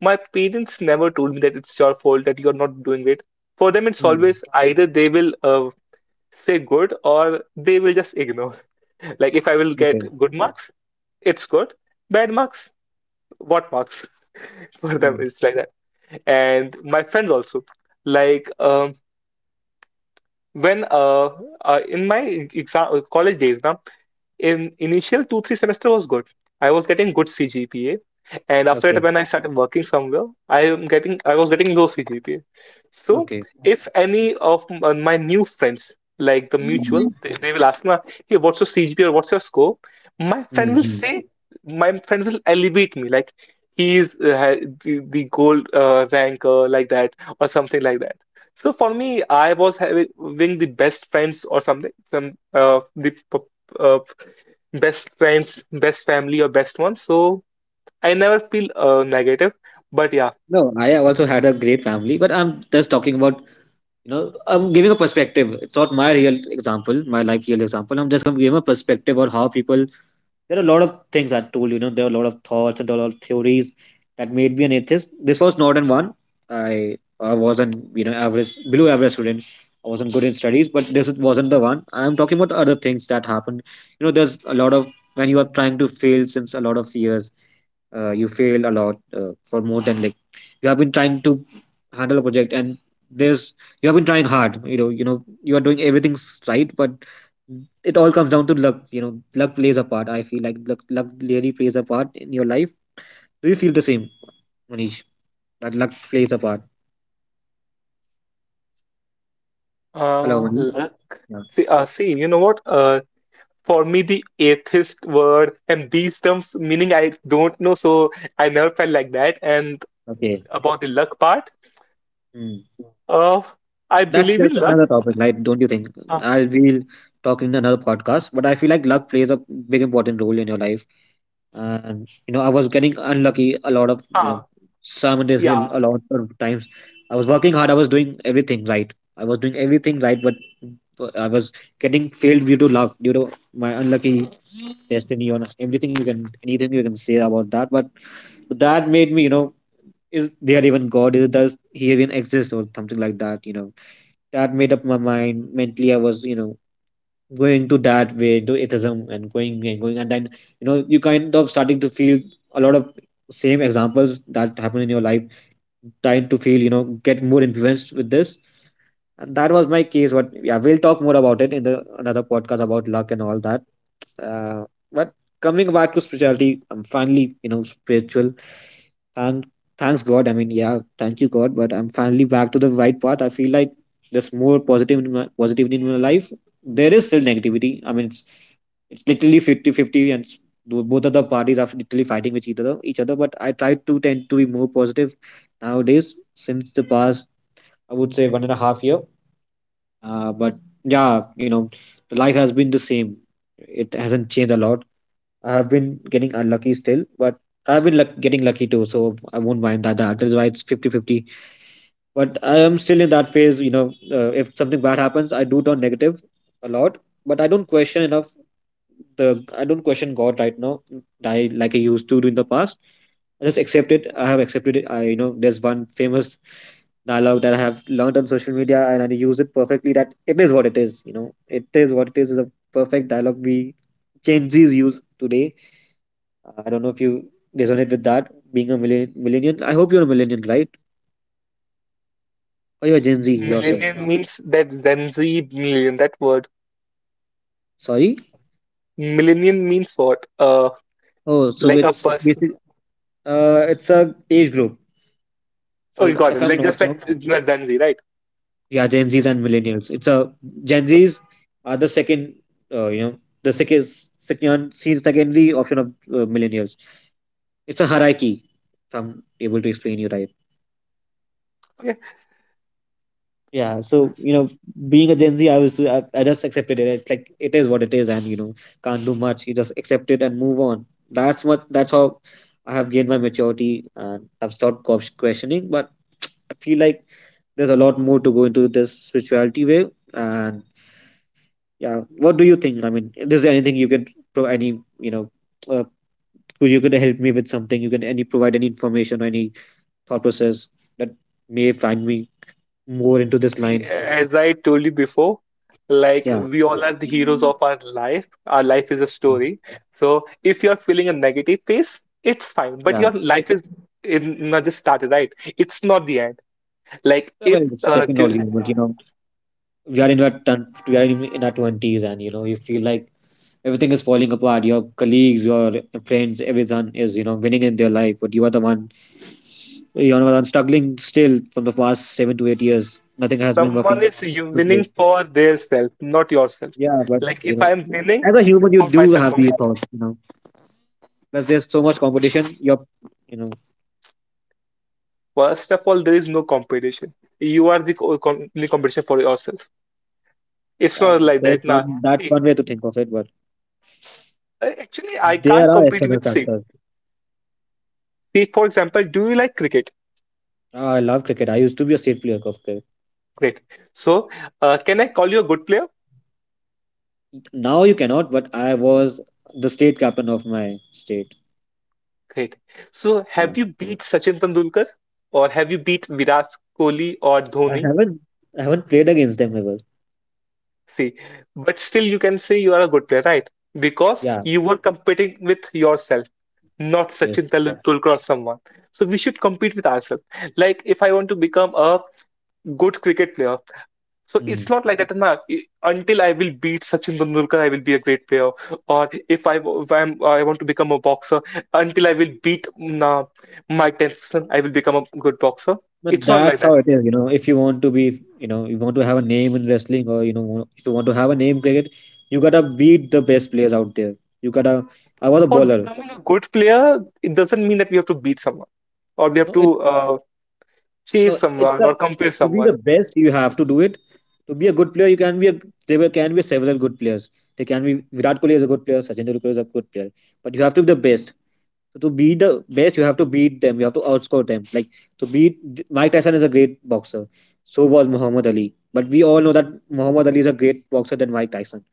[SPEAKER 2] my parents never told me that it's your fault that you're not doing it. For them, it's
[SPEAKER 1] Hmm.
[SPEAKER 2] always either they will uh, say good or they will just ignore. [LAUGHS] Like if I will get
[SPEAKER 1] Okay.
[SPEAKER 2] good marks, it's good. Bad marks, what marks? [LAUGHS] For them,
[SPEAKER 1] Mm.
[SPEAKER 2] it's like that. And my friends also, like um, when uh, uh in my exam college days, now in initial two three semester was good. I was getting good C G P A, and after it
[SPEAKER 1] Okay.
[SPEAKER 2] when I started working somewhere, I am getting, I was getting low C G P A. So
[SPEAKER 1] Okay.
[SPEAKER 2] if any of m- uh, my new friends, like the
[SPEAKER 1] Mhm.
[SPEAKER 2] mutual, they, they will ask me, hey, what's your C G P A or what's your score? My friend will
[SPEAKER 1] Mm-hmm.
[SPEAKER 2] say, my friend will elevate me like he is uh, ha- the, the gold uh, ranker, like that or something like that. So for me, I was having the best friends or something. some uh, the p- uh, best friends, best family, or best one. So I never feel uh, negative. But yeah,
[SPEAKER 1] No, I also had a great family, but I'm just talking about, you know, I'm giving a perspective. It's not my real example, my life real example. I'm just going to give a perspective on how people. There are a lot of things I told, you know, there are a lot of thoughts and there are a lot of theories that made me an atheist. This was not in one. I I wasn't, you know, average, below average student. I wasn't good in studies, but this wasn't the one. I'm talking about other things that happened. You know, there's a lot of when you are trying to fail since a lot of years, uh, you fail a lot, uh, for more than like you have been trying to handle a project, and there's you have been trying hard. You know you know you are doing everything s- right, but it all comes down to luck. You know luck plays a part. I feel like luck, luck really plays a part in your life. Do you feel the same, Manish, that luck plays a part? Hello,
[SPEAKER 2] uh,
[SPEAKER 1] Manish.
[SPEAKER 2] let-
[SPEAKER 1] Yeah.
[SPEAKER 2] see, uh, see, you know what? Uh, for me, the atheist word and these terms meaning I don't know, so I never felt like that. And
[SPEAKER 1] Okay.
[SPEAKER 2] about the luck part,
[SPEAKER 1] Hmm.
[SPEAKER 2] uh, I
[SPEAKER 1] that's
[SPEAKER 2] believe in
[SPEAKER 1] that's
[SPEAKER 2] luck.
[SPEAKER 1] another topic, right? Don't you think?
[SPEAKER 2] Uh,
[SPEAKER 1] I'll be talking in another podcast, but I feel like luck plays a big important role in your life. And you know I was getting unlucky a lot of, you
[SPEAKER 2] uh,
[SPEAKER 1] know simultaneously
[SPEAKER 2] yeah,
[SPEAKER 1] a lot of times. I was working hard. I was doing everything right. I was doing everything right, but I was getting failed due to luck, due to my unlucky destiny, on everything you can anything you can say about that. But that made me, you know is there even God? Is does He even exist or something like that? You know, that made up my mind mentally. I was, you know going to that way into atheism, and going and going. And then, you know you kind of starting to feel a lot of same examples that happen in your life, trying to feel, you know get more influenced with this. And that was my case, but yeah, we'll talk more about it in the another podcast about luck and all that. uh, but coming back to spirituality, I'm finally, you know spiritual. Thank, thanks God. I mean, yeah, thank you God. But I'm finally back to the right path. I feel like there's more positive in my, positivity in my life. There is still negativity. I mean, it's it's literally fifty-fifty, and s- tho- both of the parties are literally fighting with each other. Each other. But I try to tend to be more positive nowadays since the past, I would say one and a half year. Uh, but yeah, you know, the life has been the same. It hasn't changed a lot. I've been getting unlucky still, but I've been luck- getting lucky too, so I won't mind that. That is why it's fifty-fifty. But I am still in that phase. You know, uh, if something bad happens, I do turn negative a lot, but I don't question enough the I don't question God right now, I, like I used to do in the past. I just accept it. I have accepted it. I you know there's one famous dialogue that I have learned on social media, and I use it perfectly, that it is what it is, you know. It is what it is is a perfect dialogue we Gen Z's use today. uh, I don't know if you resonate with that, being a millen- millennial. I hope you're a millennial, right? Or you're Gen Z yourself.
[SPEAKER 2] millennium means that Gen Z million, that word.
[SPEAKER 1] Sorry.
[SPEAKER 2] Millennium means what? Uh,
[SPEAKER 1] Oh, so
[SPEAKER 2] like a
[SPEAKER 1] it's
[SPEAKER 2] person.
[SPEAKER 1] basic. Uh, it's a age group.
[SPEAKER 2] Oh, you
[SPEAKER 1] So
[SPEAKER 2] got
[SPEAKER 1] if
[SPEAKER 2] it.
[SPEAKER 1] I'm
[SPEAKER 2] Like
[SPEAKER 1] not
[SPEAKER 2] just like
[SPEAKER 1] wrong,
[SPEAKER 2] Gen Z, right?
[SPEAKER 1] yeah, Gen Zs and millennials. It's a Gen Zs are the second, uh, you know, the second second see secondary option of uh, millennials. It's a hierarchy. If I'm able to explain you right.
[SPEAKER 2] Yeah.
[SPEAKER 1] Yeah, so, you know, being a Gen Z, I was I, I just accepted it. It's like it is what it is, and, you know, can't do much. You just accept it and move on. That's what that's how I have gained my maturity, and I've stopped ques- questioning. But I feel like there's a lot more to go into this spirituality way. And yeah, what do you think? I mean, is there anything you can pro any you know, uh, could- you could help me with something? You can any provide any information or any thought process that may find me more into this
[SPEAKER 2] See,
[SPEAKER 1] line?
[SPEAKER 2] as I told you before, like
[SPEAKER 1] Yeah.
[SPEAKER 2] we all are the heroes of our life. Our life is a story. So if you're feeling a negative phase, it's fine. But
[SPEAKER 1] Yeah,
[SPEAKER 2] your life is it not just started, right? It's not the end. Like
[SPEAKER 1] yeah,
[SPEAKER 2] if
[SPEAKER 1] well, it's
[SPEAKER 2] uh, do,
[SPEAKER 1] definitely, but, you know, we are in our ton, we are in in our twenties, and, you know, you feel like everything is falling apart. Your colleagues, your friends, everyone is, you know winning in their life, but you are the one, you are the one struggling still from the past seven to eight years. Nothing has been
[SPEAKER 2] someone
[SPEAKER 1] working
[SPEAKER 2] is you
[SPEAKER 1] so
[SPEAKER 2] winning
[SPEAKER 1] great.
[SPEAKER 2] for their self, not yourself.
[SPEAKER 1] Yeah, but,
[SPEAKER 2] Like
[SPEAKER 1] you
[SPEAKER 2] if
[SPEAKER 1] know,
[SPEAKER 2] I'm
[SPEAKER 1] as
[SPEAKER 2] winning
[SPEAKER 1] a human, you
[SPEAKER 2] for
[SPEAKER 1] do
[SPEAKER 2] myself
[SPEAKER 1] have
[SPEAKER 2] only.
[SPEAKER 1] these thoughts. You know, plus there's so much competition. You're, you know,
[SPEAKER 2] First of all, there is no competition. You are the co- com- only competition for yourself. It's not
[SPEAKER 1] um,
[SPEAKER 2] like
[SPEAKER 1] there's
[SPEAKER 2] that, nah.
[SPEAKER 1] one that's one way to think of it, but
[SPEAKER 2] Uh, Actually, I
[SPEAKER 1] there
[SPEAKER 2] can't
[SPEAKER 1] are
[SPEAKER 2] compete
[SPEAKER 1] external
[SPEAKER 2] with Sid.
[SPEAKER 1] factors.
[SPEAKER 2] See, for example, do you like cricket?
[SPEAKER 1] Ah, I love cricket. I used to be a state player of cricket.
[SPEAKER 2] Great. So, uh, can I call you a good player?
[SPEAKER 1] Now you cannot, but I was the state captain of my state.
[SPEAKER 2] Great. So,
[SPEAKER 1] Yeah.
[SPEAKER 2] have you beat Sachin Tendulkar or have you beat Virat Kohli or
[SPEAKER 1] I
[SPEAKER 2] Dhoni?
[SPEAKER 1] haven't I haven't played against them ever.
[SPEAKER 2] See, but still you can say you are a good player, right? Because
[SPEAKER 1] Yeah.
[SPEAKER 2] you were competing with yourself, not
[SPEAKER 1] Yes.
[SPEAKER 2] Sachin Tendulkar or someone. So we should compete with ourselves. Like if I want to become a good cricket player, so it's
[SPEAKER 1] Mm.
[SPEAKER 2] not like that, na. Until I will beat Sachin Tendulkar, I will be a great player. Or if I w- if I'm, I want to become a boxer, until I will beat na, Mike Tyson, I will become a good boxer.
[SPEAKER 1] But
[SPEAKER 2] It's not like
[SPEAKER 1] that's
[SPEAKER 2] that.
[SPEAKER 1] how it is, you know. If you want to be, you know, you want to have a name in wrestling, or, you know, if you want to have a name in cricket, you gotta beat the best players out there. You gotta. I was a
[SPEAKER 2] For
[SPEAKER 1] bowler.
[SPEAKER 2] becoming a good player, it doesn't mean that we have to beat someone or we have
[SPEAKER 1] No, it
[SPEAKER 2] to uh, chase
[SPEAKER 1] no, it's
[SPEAKER 2] someone
[SPEAKER 1] a
[SPEAKER 2] or compare
[SPEAKER 1] to be
[SPEAKER 2] someone.
[SPEAKER 1] the best, you have to do it. To be a good player, you can be a there were- can be several good players. There can be Virat Kohli is a good player, Sachin Tendulkar is a good player, but you have to be the best. So to be the best, you have to beat them. You have to outscore them. Like to beat Mike Tyson is a great boxer. So was Muhammad Ali. But we all know that Muhammad Ali is a great boxer than Mike Tyson.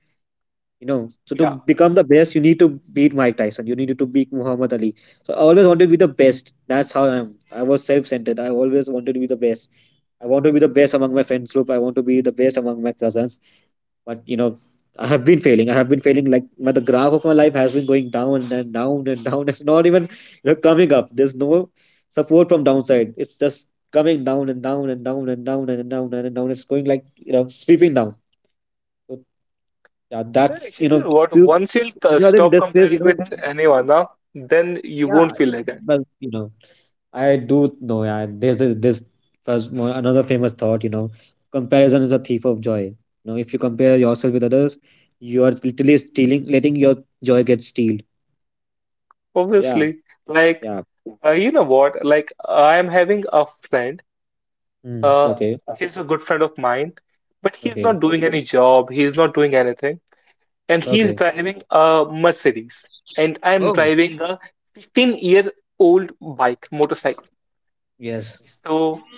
[SPEAKER 1] You know, so to
[SPEAKER 2] Yeah.
[SPEAKER 1] become the best, you need to beat Mike Tyson. You need to beat Muhammad Ali. So I always wanted to be the best. That's how I am. I was self-centered. I always wanted to be the best. I want to be the best among my friends group. I want to be the best among my cousins, but, you know I have been failing. I have been failing. Like my, the graph of my life has been going down and down and down. It's not even, you know coming up. There's no support from downside, it's just coming down and down and down and down and down and down. It's going like, you know sweeping down. So yeah,
[SPEAKER 2] Yeah,
[SPEAKER 1] that's
[SPEAKER 2] actually,
[SPEAKER 1] you
[SPEAKER 2] you
[SPEAKER 1] know
[SPEAKER 2] know what,
[SPEAKER 1] you,
[SPEAKER 2] once you'll uh,
[SPEAKER 1] when you are in
[SPEAKER 2] stop
[SPEAKER 1] this phase
[SPEAKER 2] comparing
[SPEAKER 1] you know
[SPEAKER 2] with anyone, na, then you
[SPEAKER 1] Yeah,
[SPEAKER 2] won't feel like that.
[SPEAKER 1] well, you know I do know, yeah. There's this this first one, another famous thought: you know, comparison is a thief of joy. You know, if you compare yourself with others, you are literally stealing, letting your joy get stealed. Yeah,
[SPEAKER 2] Obviously, like
[SPEAKER 1] yeah.
[SPEAKER 2] uh, you know what? Like I am having a friend.
[SPEAKER 1] Mm,
[SPEAKER 2] Uh,
[SPEAKER 1] okay,
[SPEAKER 2] he's a good friend of mine, but he's
[SPEAKER 1] okay,
[SPEAKER 2] not doing any job. He's not doing anything, and he's
[SPEAKER 1] okay.
[SPEAKER 2] driving a Mercedes, and I'm
[SPEAKER 1] Oh,
[SPEAKER 2] driving a fifteen-year-old bike motorcycle.
[SPEAKER 1] yes.
[SPEAKER 2] So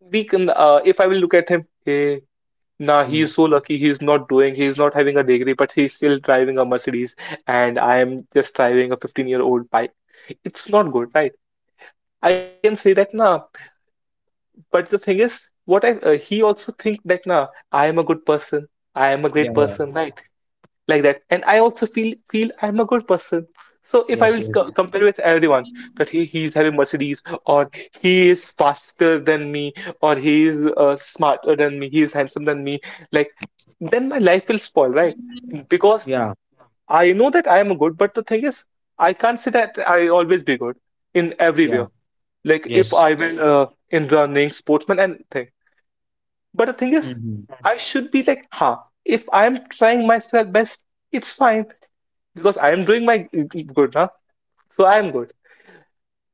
[SPEAKER 2] we can, uh, if I will look at him, hey, nah, he
[SPEAKER 1] Mm,
[SPEAKER 2] is so lucky. He's not doing. He's not having a degree, but he's still driving a Mercedes, and I am just driving a fifteen-year-old bike. It's not good, right? I can say that now. But the thing is, what I uh, he also think that now I am a good person. I am a
[SPEAKER 1] yeah,
[SPEAKER 2] great
[SPEAKER 1] yeah.
[SPEAKER 2] person, right? Like that. And I also feel feel I'm a good person. So if I
[SPEAKER 1] Yes,
[SPEAKER 2] will sc
[SPEAKER 1] yes.
[SPEAKER 2] compare with everyone that he he is having Mercedes or he is faster than me or he is uh, smarter than me, he is handsome than me, like then my life will spoil, right? Because
[SPEAKER 1] Yeah,
[SPEAKER 2] I know that I am good, but the thing is, I can't say that I always be good in
[SPEAKER 1] yeah.
[SPEAKER 2] everywhere like if
[SPEAKER 1] Yes.
[SPEAKER 2] I win uh, in running, sportsman, and thing. But the thing is,
[SPEAKER 1] Hmm.
[SPEAKER 2] I should be like, huh, if I'm trying myself best, it's fine because I am doing my good now, so I am good.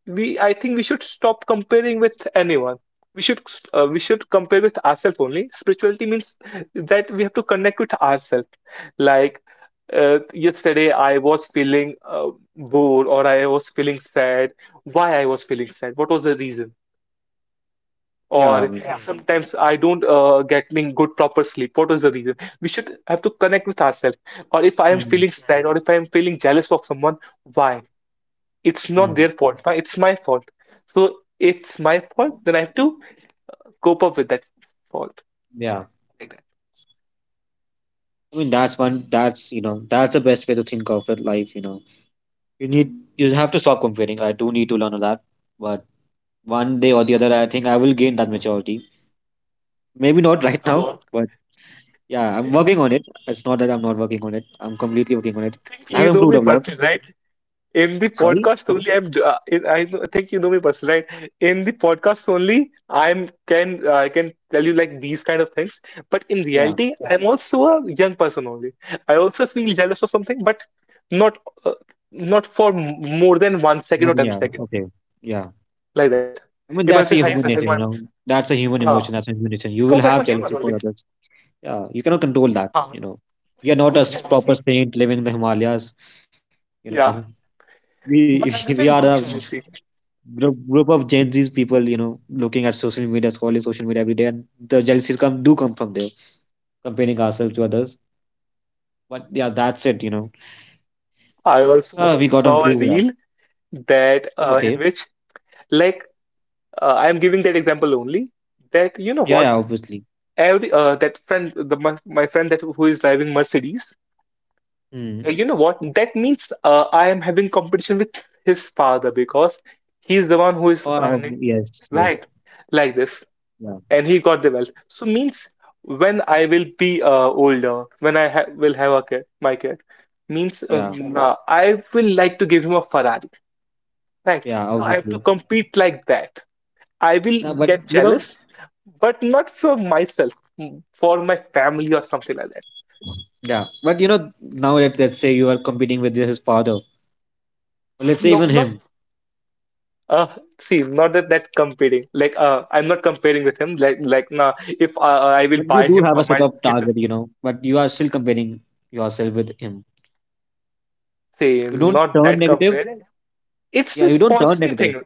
[SPEAKER 2] We, I think we should stop comparing with anyone. We should uh, we should compare with ourselves only. Spirituality means that we have to connect with ourselves. Like uh, yesterday, I was feeling uh, bored or I was feeling sad. Why I was feeling sad? What was the reason? Or
[SPEAKER 1] Yeah, I mean,
[SPEAKER 2] yeah, sometimes I don't uh, getting good proper sleep. What was the reason? We should have to connect with ourselves. Or if I am
[SPEAKER 1] mm.
[SPEAKER 2] feeling sad, or if I am feeling jealous of someone, why? It's not
[SPEAKER 1] Hmm.
[SPEAKER 2] their fault. Why? It's my fault. So it's my fault. Then I have to cope up with that fault.
[SPEAKER 1] Yeah.
[SPEAKER 2] Like that.
[SPEAKER 1] I mean, that's one. That's you know, that's the best way to think of it, life. You know. you need you have to stop comparing. I do need to learn a lot, but one day or the other, I think I will gain that maturity. Maybe not [LAUGHS] right
[SPEAKER 2] You know
[SPEAKER 1] now,
[SPEAKER 2] what?
[SPEAKER 1] but yeah, I'm
[SPEAKER 2] Eh,
[SPEAKER 1] working on it. It's not that I'm not working on it. I'm completely working on it.
[SPEAKER 2] I think
[SPEAKER 1] I have
[SPEAKER 2] you know
[SPEAKER 1] improved
[SPEAKER 2] me,
[SPEAKER 1] a lot.
[SPEAKER 2] Parth, right? In the
[SPEAKER 1] Sorry.
[SPEAKER 2] podcast only, I'm. Uh, I I think you know me personally, right? In the podcast only, I'm can I can tell you like these kind of things. But in
[SPEAKER 1] Yeah.
[SPEAKER 2] reality, I'm also a young person only. I also feel jealous of something, but not uh, not for m- more than one second
[SPEAKER 1] More
[SPEAKER 2] or
[SPEAKER 1] than
[SPEAKER 2] ten
[SPEAKER 1] yeah.
[SPEAKER 2] second,
[SPEAKER 1] Okay. Yeah.
[SPEAKER 2] like that.
[SPEAKER 1] I
[SPEAKER 2] If
[SPEAKER 1] mean,
[SPEAKER 2] I feel
[SPEAKER 1] that's a
[SPEAKER 2] high
[SPEAKER 1] human
[SPEAKER 2] second
[SPEAKER 1] nature,
[SPEAKER 2] one,
[SPEAKER 1] you know. That's a human
[SPEAKER 2] ah,
[SPEAKER 1] emotion. That's a human nature. You will
[SPEAKER 2] because I'm a
[SPEAKER 1] have
[SPEAKER 2] human
[SPEAKER 1] jealousy for
[SPEAKER 2] only.
[SPEAKER 1] others. Yeah. You cannot control that.
[SPEAKER 2] Ah,
[SPEAKER 1] You know. We are not a
[SPEAKER 2] good
[SPEAKER 1] s- proper
[SPEAKER 2] jealousy.
[SPEAKER 1] saint living in the Himalayas. You know.
[SPEAKER 2] Yeah,
[SPEAKER 1] We [LAUGHS]
[SPEAKER 2] but
[SPEAKER 1] we
[SPEAKER 2] I'm
[SPEAKER 1] are the
[SPEAKER 2] having good jealousy.
[SPEAKER 1] group, group of Gen Z's people, you know, looking at social media, scrolling social media every day, and the jealousies come do come from there, comparing ourselves to others. But yeah, that's it, you know.
[SPEAKER 2] I also
[SPEAKER 1] Ah, we got to
[SPEAKER 2] saw a
[SPEAKER 1] improve,
[SPEAKER 2] reel
[SPEAKER 1] yeah.
[SPEAKER 2] that uh, in which
[SPEAKER 1] Okay.
[SPEAKER 2] like uh, I am giving that example only, that you know what,
[SPEAKER 1] Yeah, yeah, obviously.
[SPEAKER 2] every uh, that friend, the my, my friend that who is driving Mercedes, uh, you
[SPEAKER 1] Hmm.
[SPEAKER 2] know what that means, uh, I am having competition with his father because he's the one who is
[SPEAKER 1] Oh,
[SPEAKER 2] earning,
[SPEAKER 1] ob- yes,
[SPEAKER 2] right,
[SPEAKER 1] yes.
[SPEAKER 2] like this,
[SPEAKER 1] Yeah,
[SPEAKER 2] and he got the wealth. So means when I will be uh, older, when I ha will have a kid, my kid means uh,
[SPEAKER 1] yeah,
[SPEAKER 2] uh, I will like to give him a Ferrari, right?
[SPEAKER 1] yeah,
[SPEAKER 2] So I have to
[SPEAKER 1] obviously.
[SPEAKER 2] compete like that. I will
[SPEAKER 1] Now, but
[SPEAKER 2] get
[SPEAKER 1] you know,
[SPEAKER 2] jealous, but not for myself, mm, for my family or something like that.
[SPEAKER 1] yeah, but you know, now let, let's say you are competing with his father, or let's say
[SPEAKER 2] No,
[SPEAKER 1] even
[SPEAKER 2] not
[SPEAKER 1] him,
[SPEAKER 2] uh see, not that that competing. Like uh, I'm not comparing with him. Like like nah, if uh, uh, I
[SPEAKER 1] but
[SPEAKER 2] will
[SPEAKER 1] you
[SPEAKER 2] buy
[SPEAKER 1] do
[SPEAKER 2] him
[SPEAKER 1] have a
[SPEAKER 2] or
[SPEAKER 1] set
[SPEAKER 2] my
[SPEAKER 1] of
[SPEAKER 2] kid,
[SPEAKER 1] target, you know, but you are still comparing yourself with him.
[SPEAKER 2] say
[SPEAKER 1] You don't
[SPEAKER 2] not
[SPEAKER 1] turn
[SPEAKER 2] that
[SPEAKER 1] negative.
[SPEAKER 2] comparing. It's
[SPEAKER 1] Yeah, you
[SPEAKER 2] this
[SPEAKER 1] don't turn
[SPEAKER 2] positive
[SPEAKER 1] negative.
[SPEAKER 2] thing.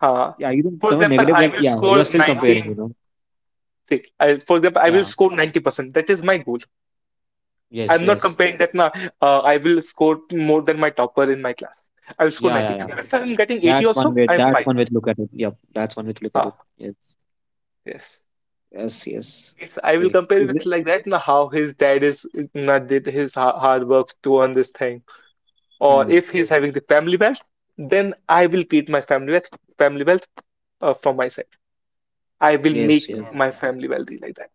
[SPEAKER 2] Uh,
[SPEAKER 1] Yeah, you didn't
[SPEAKER 2] for
[SPEAKER 1] turn
[SPEAKER 2] example,
[SPEAKER 1] negative,
[SPEAKER 2] I
[SPEAKER 1] but
[SPEAKER 2] will
[SPEAKER 1] yeah,
[SPEAKER 2] score
[SPEAKER 1] you're still comparing,
[SPEAKER 2] 19.
[SPEAKER 1] you know.
[SPEAKER 2] Say, I, for example, I will
[SPEAKER 1] Yeah,
[SPEAKER 2] score ninety percent. That is my goal.
[SPEAKER 1] yes,
[SPEAKER 2] I'm not
[SPEAKER 1] yes.
[SPEAKER 2] comparing that now. Uh, I will score more than my topper in my class. I will score
[SPEAKER 1] Yeah,
[SPEAKER 2] ninety.
[SPEAKER 1] yeah, yeah.
[SPEAKER 2] But if I'm getting eighty
[SPEAKER 1] That's one
[SPEAKER 2] also,
[SPEAKER 1] way.
[SPEAKER 2] I'm
[SPEAKER 1] That's
[SPEAKER 2] fine.
[SPEAKER 1] one way to look at it. Yep, that's one way to look at it.
[SPEAKER 2] Ah,
[SPEAKER 1] Yes,
[SPEAKER 2] yes.
[SPEAKER 1] yes, yes.
[SPEAKER 2] Means I will
[SPEAKER 1] Okay.
[SPEAKER 2] compare
[SPEAKER 1] Is
[SPEAKER 2] with
[SPEAKER 1] it?
[SPEAKER 2] like that, now, how his dad is not did his ha- hard work to earn this thing. Or
[SPEAKER 1] Hmm.
[SPEAKER 2] if he's having the family wealth, then I will create my family wealth family wealth uh, from my side. I will
[SPEAKER 1] Yes,
[SPEAKER 2] make
[SPEAKER 1] yes.
[SPEAKER 2] my family wealthy like that.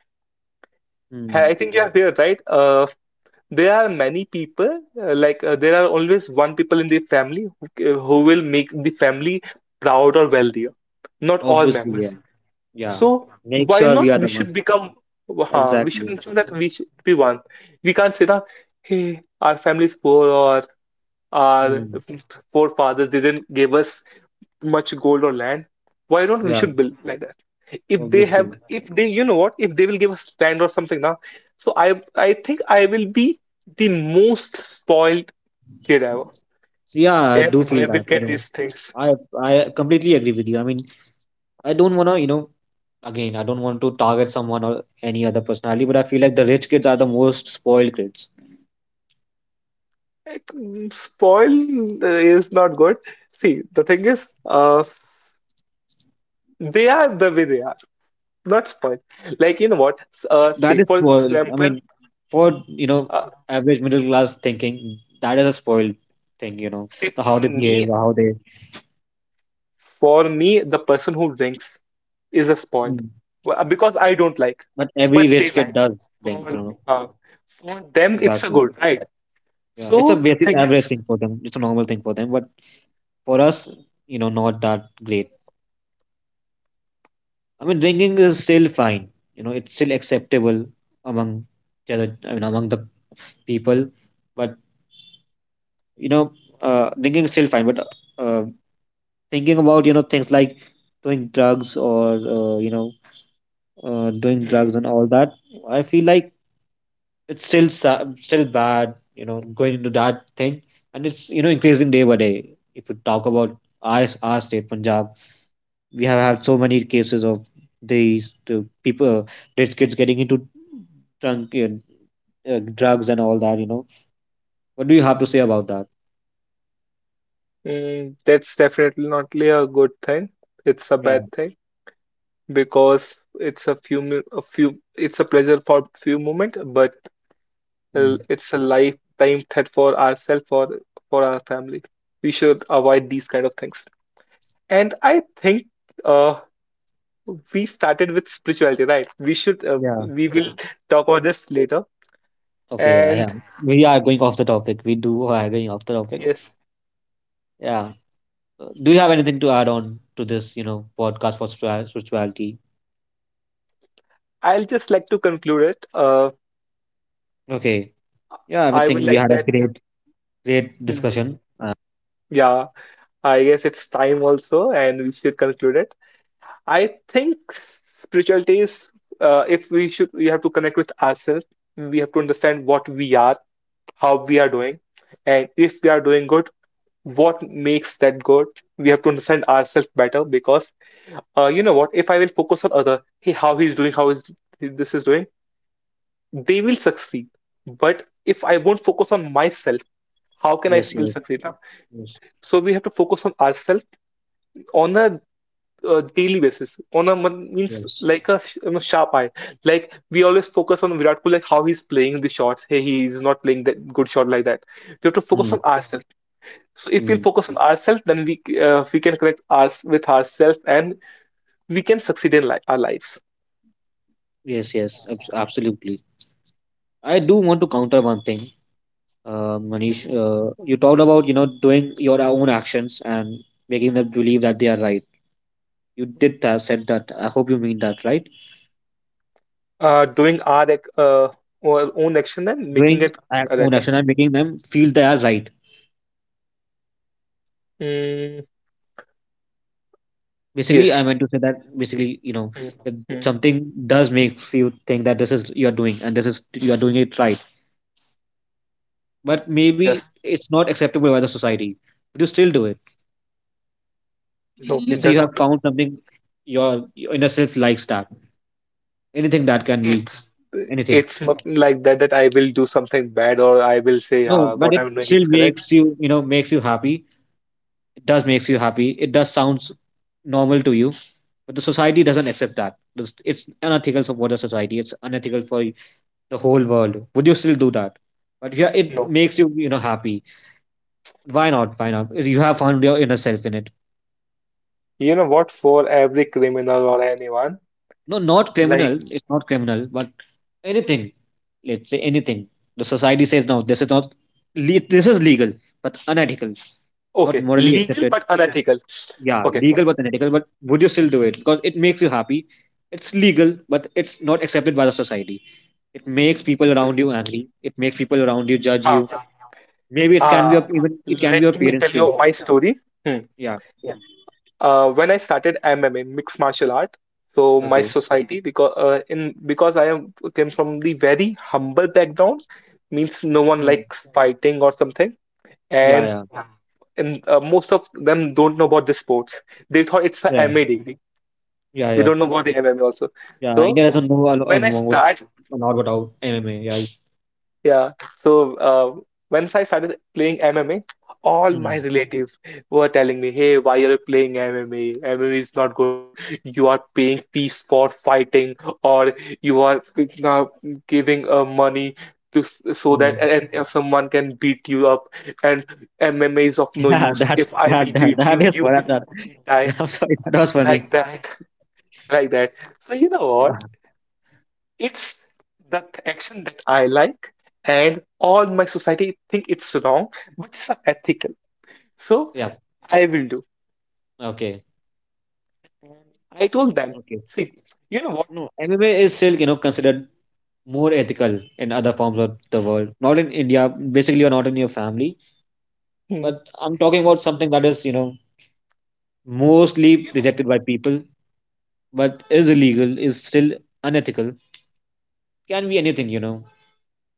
[SPEAKER 1] Hmm.
[SPEAKER 2] I think you are here, right? Uh, there are many people, uh, like uh, there are always one people in the family who, uh, who will make the family proud or wealthier, not all
[SPEAKER 1] Obviously,
[SPEAKER 2] members.
[SPEAKER 1] yeah. Yeah.
[SPEAKER 2] So
[SPEAKER 1] Make
[SPEAKER 2] why
[SPEAKER 1] sure we
[SPEAKER 2] not
[SPEAKER 1] are
[SPEAKER 2] we
[SPEAKER 1] the one.
[SPEAKER 2] should become, huh, we should
[SPEAKER 1] Exactly.
[SPEAKER 2] ensure that we should be one. We can't say that, hey, our family is poor or our
[SPEAKER 1] Hmm.
[SPEAKER 2] forefathers didn't give us much gold or land. Why don't we
[SPEAKER 1] Yeah,
[SPEAKER 2] should build like that? If they have
[SPEAKER 1] obviously.
[SPEAKER 2] if they you know what, if they will give a stand or something now. So i i think I will be the most spoiled kid ever
[SPEAKER 1] So, Yeah, I
[SPEAKER 2] if
[SPEAKER 1] do feel
[SPEAKER 2] I will
[SPEAKER 1] that, you
[SPEAKER 2] get
[SPEAKER 1] know.
[SPEAKER 2] these things.
[SPEAKER 1] I I completely agree with you. I mean, I don't wanna, you know, again, I don't want to target someone or any other personality, but I feel like the rich kids are the most spoiled kids.
[SPEAKER 2] Like, mm, spoiled is not good. See, the thing is, uh they are the way they are, not spoiled. Like, you know what, S- uh say
[SPEAKER 1] That is
[SPEAKER 2] for
[SPEAKER 1] spoiled. I
[SPEAKER 2] example,
[SPEAKER 1] mean, for you know,
[SPEAKER 2] uh
[SPEAKER 1] average middle class thinking, that is a spoiled thing. You know,
[SPEAKER 2] say
[SPEAKER 1] the
[SPEAKER 2] for
[SPEAKER 1] how they
[SPEAKER 2] me
[SPEAKER 1] behave, how they.
[SPEAKER 2] for me the person who drinks is a spoiled.
[SPEAKER 1] Mm.
[SPEAKER 2] Well, uh, because I don't like,
[SPEAKER 1] But every
[SPEAKER 2] but they
[SPEAKER 1] rich kid
[SPEAKER 2] like.
[SPEAKER 1] does drink. You
[SPEAKER 2] For
[SPEAKER 1] know,
[SPEAKER 2] uh, for them, it's a
[SPEAKER 1] exactly.
[SPEAKER 2] good, right?
[SPEAKER 1] Yeah, it's a
[SPEAKER 2] So the
[SPEAKER 1] basic
[SPEAKER 2] thing
[SPEAKER 1] average
[SPEAKER 2] is,
[SPEAKER 1] thing for them. It's a normal thing for them. But for us, you know, not that great. I mean, drinking is still fine. You know, it's still acceptable among the other, I mean, among the people. But you know, uh, drinking is still fine. But uh, thinking about you know things like doing drugs or uh, you know uh, doing drugs and
[SPEAKER 2] mm,
[SPEAKER 1] all that, I feel like it's still sa- still bad, you know, going into that thing, and it's, you know, increasing day by day. If you talk about our, our state Punjab, we have had so many cases of these the people, rich kids getting into drunk uh, uh, drugs and all that, you know. What do you have to say about that?
[SPEAKER 2] mm, that's definitely not really a good thing. It's a
[SPEAKER 1] Yeah.
[SPEAKER 2] bad thing because it's a few mi- a few it's a pleasure for few moment, but uh,
[SPEAKER 1] Mm.
[SPEAKER 2] it's a lifetime threat for ourselves, for for our family. We should avoid these kind of things. And I think uh, we started with spirituality, right? We should, uh,
[SPEAKER 1] Yeah.
[SPEAKER 2] we will Hmm. talk about this later.
[SPEAKER 1] Okay, yeah, yeah.
[SPEAKER 2] And
[SPEAKER 1] we are going off the topic we do are going off the topic
[SPEAKER 2] yes,
[SPEAKER 1] Yeah. Uh, Do you have anything to add on to this, you know, podcast for spiritua- spirituality?
[SPEAKER 2] I'll just like to conclude it. Uh,
[SPEAKER 1] Okay. Yeah, I
[SPEAKER 2] I would
[SPEAKER 1] think we
[SPEAKER 2] like
[SPEAKER 1] had a
[SPEAKER 2] that.
[SPEAKER 1] great, great discussion.
[SPEAKER 2] Hmm,
[SPEAKER 1] Uh,
[SPEAKER 2] yeah, I guess it's time also, and we should conclude it. I think spirituality is, uh, if we should, we have to connect with ourselves. We have to understand what we are, how we are doing, and if we are doing good, what makes that good. We have to understand ourselves better because uh, you know what? If I will focus on other, hey, how he's doing, how is this is doing, they will succeed. But if I won't focus on myself, how can I
[SPEAKER 1] yes,
[SPEAKER 2] will
[SPEAKER 1] yes,
[SPEAKER 2] succeed? Yeah.
[SPEAKER 1] yes,
[SPEAKER 2] So we have to focus on ourselves on a uh, daily basis. On a mon- means
[SPEAKER 1] yes.
[SPEAKER 2] like a sh- you know, sharp eye. Like we always focus on Virat Kohli, like how he's playing the shots. Hey, he is not playing that good shot like that. We have to focus
[SPEAKER 1] Mm,
[SPEAKER 2] on ourselves. So if we'll
[SPEAKER 1] mm.
[SPEAKER 2] focus on ourselves, then we uh, we can connect us with ourselves and we can succeed in li- our lives.
[SPEAKER 1] Yes, yes, abs- absolutely. I do want to counter one thing, uh, Manish. Uh, you talked about, you know, doing your own actions and making them believe that they are right. You did that, said that. I hope you mean that, right?
[SPEAKER 2] Uh, doing our ac- uh, our own action and making
[SPEAKER 1] Doing
[SPEAKER 2] it
[SPEAKER 1] our own
[SPEAKER 2] correct.
[SPEAKER 1] action and making them feel they are right.
[SPEAKER 2] Mm,
[SPEAKER 1] Basically, I
[SPEAKER 2] yes.
[SPEAKER 1] meant to say that basically, you know,
[SPEAKER 2] Mm,
[SPEAKER 1] if
[SPEAKER 2] mm,
[SPEAKER 1] something does makes you think that this is you're doing and this is you're doing it right, but maybe
[SPEAKER 2] yes.
[SPEAKER 1] it's not acceptable by the society, but you still do it.
[SPEAKER 2] No,
[SPEAKER 1] Let's say
[SPEAKER 2] they're
[SPEAKER 1] you have
[SPEAKER 2] not.
[SPEAKER 1] found something, your your inner self likes that, anything that can be
[SPEAKER 2] It's
[SPEAKER 1] anything.
[SPEAKER 2] it's not like that that I will do something bad or I will say
[SPEAKER 1] No,
[SPEAKER 2] uh,
[SPEAKER 1] but
[SPEAKER 2] what
[SPEAKER 1] it
[SPEAKER 2] I'm doing
[SPEAKER 1] still
[SPEAKER 2] is correct.
[SPEAKER 1] makes you, you know, makes you happy. It does makes you happy. It does sounds normal to you, but the society doesn't accept that. This- it's unethical for the society, it's unethical for the whole world. Would you still do that? But yeah, it
[SPEAKER 2] No.
[SPEAKER 1] makes you, you know, happy. Why not? Why not? You have found your inner self in it.
[SPEAKER 2] You know what? For every criminal or anyone,
[SPEAKER 1] No, not criminal,
[SPEAKER 2] like,
[SPEAKER 1] it's not criminal, but anything, let's say anything the society says, no, this is not le- this is legal but unethical, not
[SPEAKER 2] okay,
[SPEAKER 1] morally
[SPEAKER 2] legal
[SPEAKER 1] accepted.
[SPEAKER 2] but unethical.
[SPEAKER 1] Yeah,
[SPEAKER 2] Okay.
[SPEAKER 1] legal but unethical, but would you still do it because it makes you happy? It's legal but it's not accepted by the society. It makes people around you
[SPEAKER 2] Mm,
[SPEAKER 1] angry. It makes people around you judge
[SPEAKER 2] huh.
[SPEAKER 1] you. Maybe it can be
[SPEAKER 2] Uh,
[SPEAKER 1] your, even it can be your
[SPEAKER 2] Let me
[SPEAKER 1] parents
[SPEAKER 2] tell
[SPEAKER 1] too.
[SPEAKER 2] you my story. Hmm.
[SPEAKER 1] Yeah.
[SPEAKER 2] Uh, when I started M M A, mixed martial art, so my
[SPEAKER 1] Okay.
[SPEAKER 2] society, because uh, in because I am came from the very humble background, means no one
[SPEAKER 1] Mm.
[SPEAKER 2] likes fighting or something,
[SPEAKER 1] Yeah,
[SPEAKER 2] and
[SPEAKER 1] yeah,
[SPEAKER 2] and uh, most of them don't know about the sports. They thought it's a
[SPEAKER 1] yeah,
[SPEAKER 2] M A degree.
[SPEAKER 1] yeah,
[SPEAKER 2] They
[SPEAKER 1] yeah,
[SPEAKER 2] don't know about the M M A also.
[SPEAKER 1] yeah. India
[SPEAKER 2] So
[SPEAKER 1] doesn't know a, lo-
[SPEAKER 2] when
[SPEAKER 1] um,
[SPEAKER 2] I
[SPEAKER 1] what,
[SPEAKER 2] start.
[SPEAKER 1] a lot about M M A. Yeah,
[SPEAKER 2] Yeah. So uh, once I started playing M M A, all
[SPEAKER 1] mm.
[SPEAKER 2] my relatives were telling me, "Hey, why are you playing M M A? M M A is not good. You are paying fees for fighting, or you are uh, giving uh, money to s- so that
[SPEAKER 1] Mm.
[SPEAKER 2] and if someone can beat you up. And M M A is of
[SPEAKER 1] [LAUGHS]
[SPEAKER 2] no
[SPEAKER 1] yeah.
[SPEAKER 2] use.
[SPEAKER 1] That's
[SPEAKER 2] If I
[SPEAKER 1] that
[SPEAKER 2] will
[SPEAKER 1] that
[SPEAKER 2] beat
[SPEAKER 1] that
[SPEAKER 2] you,
[SPEAKER 1] is
[SPEAKER 2] you
[SPEAKER 1] for that.
[SPEAKER 2] will
[SPEAKER 1] That.
[SPEAKER 2] die
[SPEAKER 1] [LAUGHS] I'm sorry, that was funny.
[SPEAKER 2] like that, [LAUGHS] like that." So you know what?
[SPEAKER 1] Yeah,
[SPEAKER 2] It's the action that I like, and all my society think it's wrong, but it's not ethical. So
[SPEAKER 1] yeah.
[SPEAKER 2] I will do.
[SPEAKER 1] Okay,
[SPEAKER 2] And I told them,
[SPEAKER 1] okay.
[SPEAKER 2] see, you know what?
[SPEAKER 1] No, M M A is still, you know, considered more ethical in other forms of the world. Not in India. Basically, you're not in your family.
[SPEAKER 2] Hmm.
[SPEAKER 1] But I'm talking about something that is, you know,
[SPEAKER 2] See,
[SPEAKER 1] mostly
[SPEAKER 2] you know,
[SPEAKER 1] rejected by people, but is illegal, is still unethical. Can be anything, you know.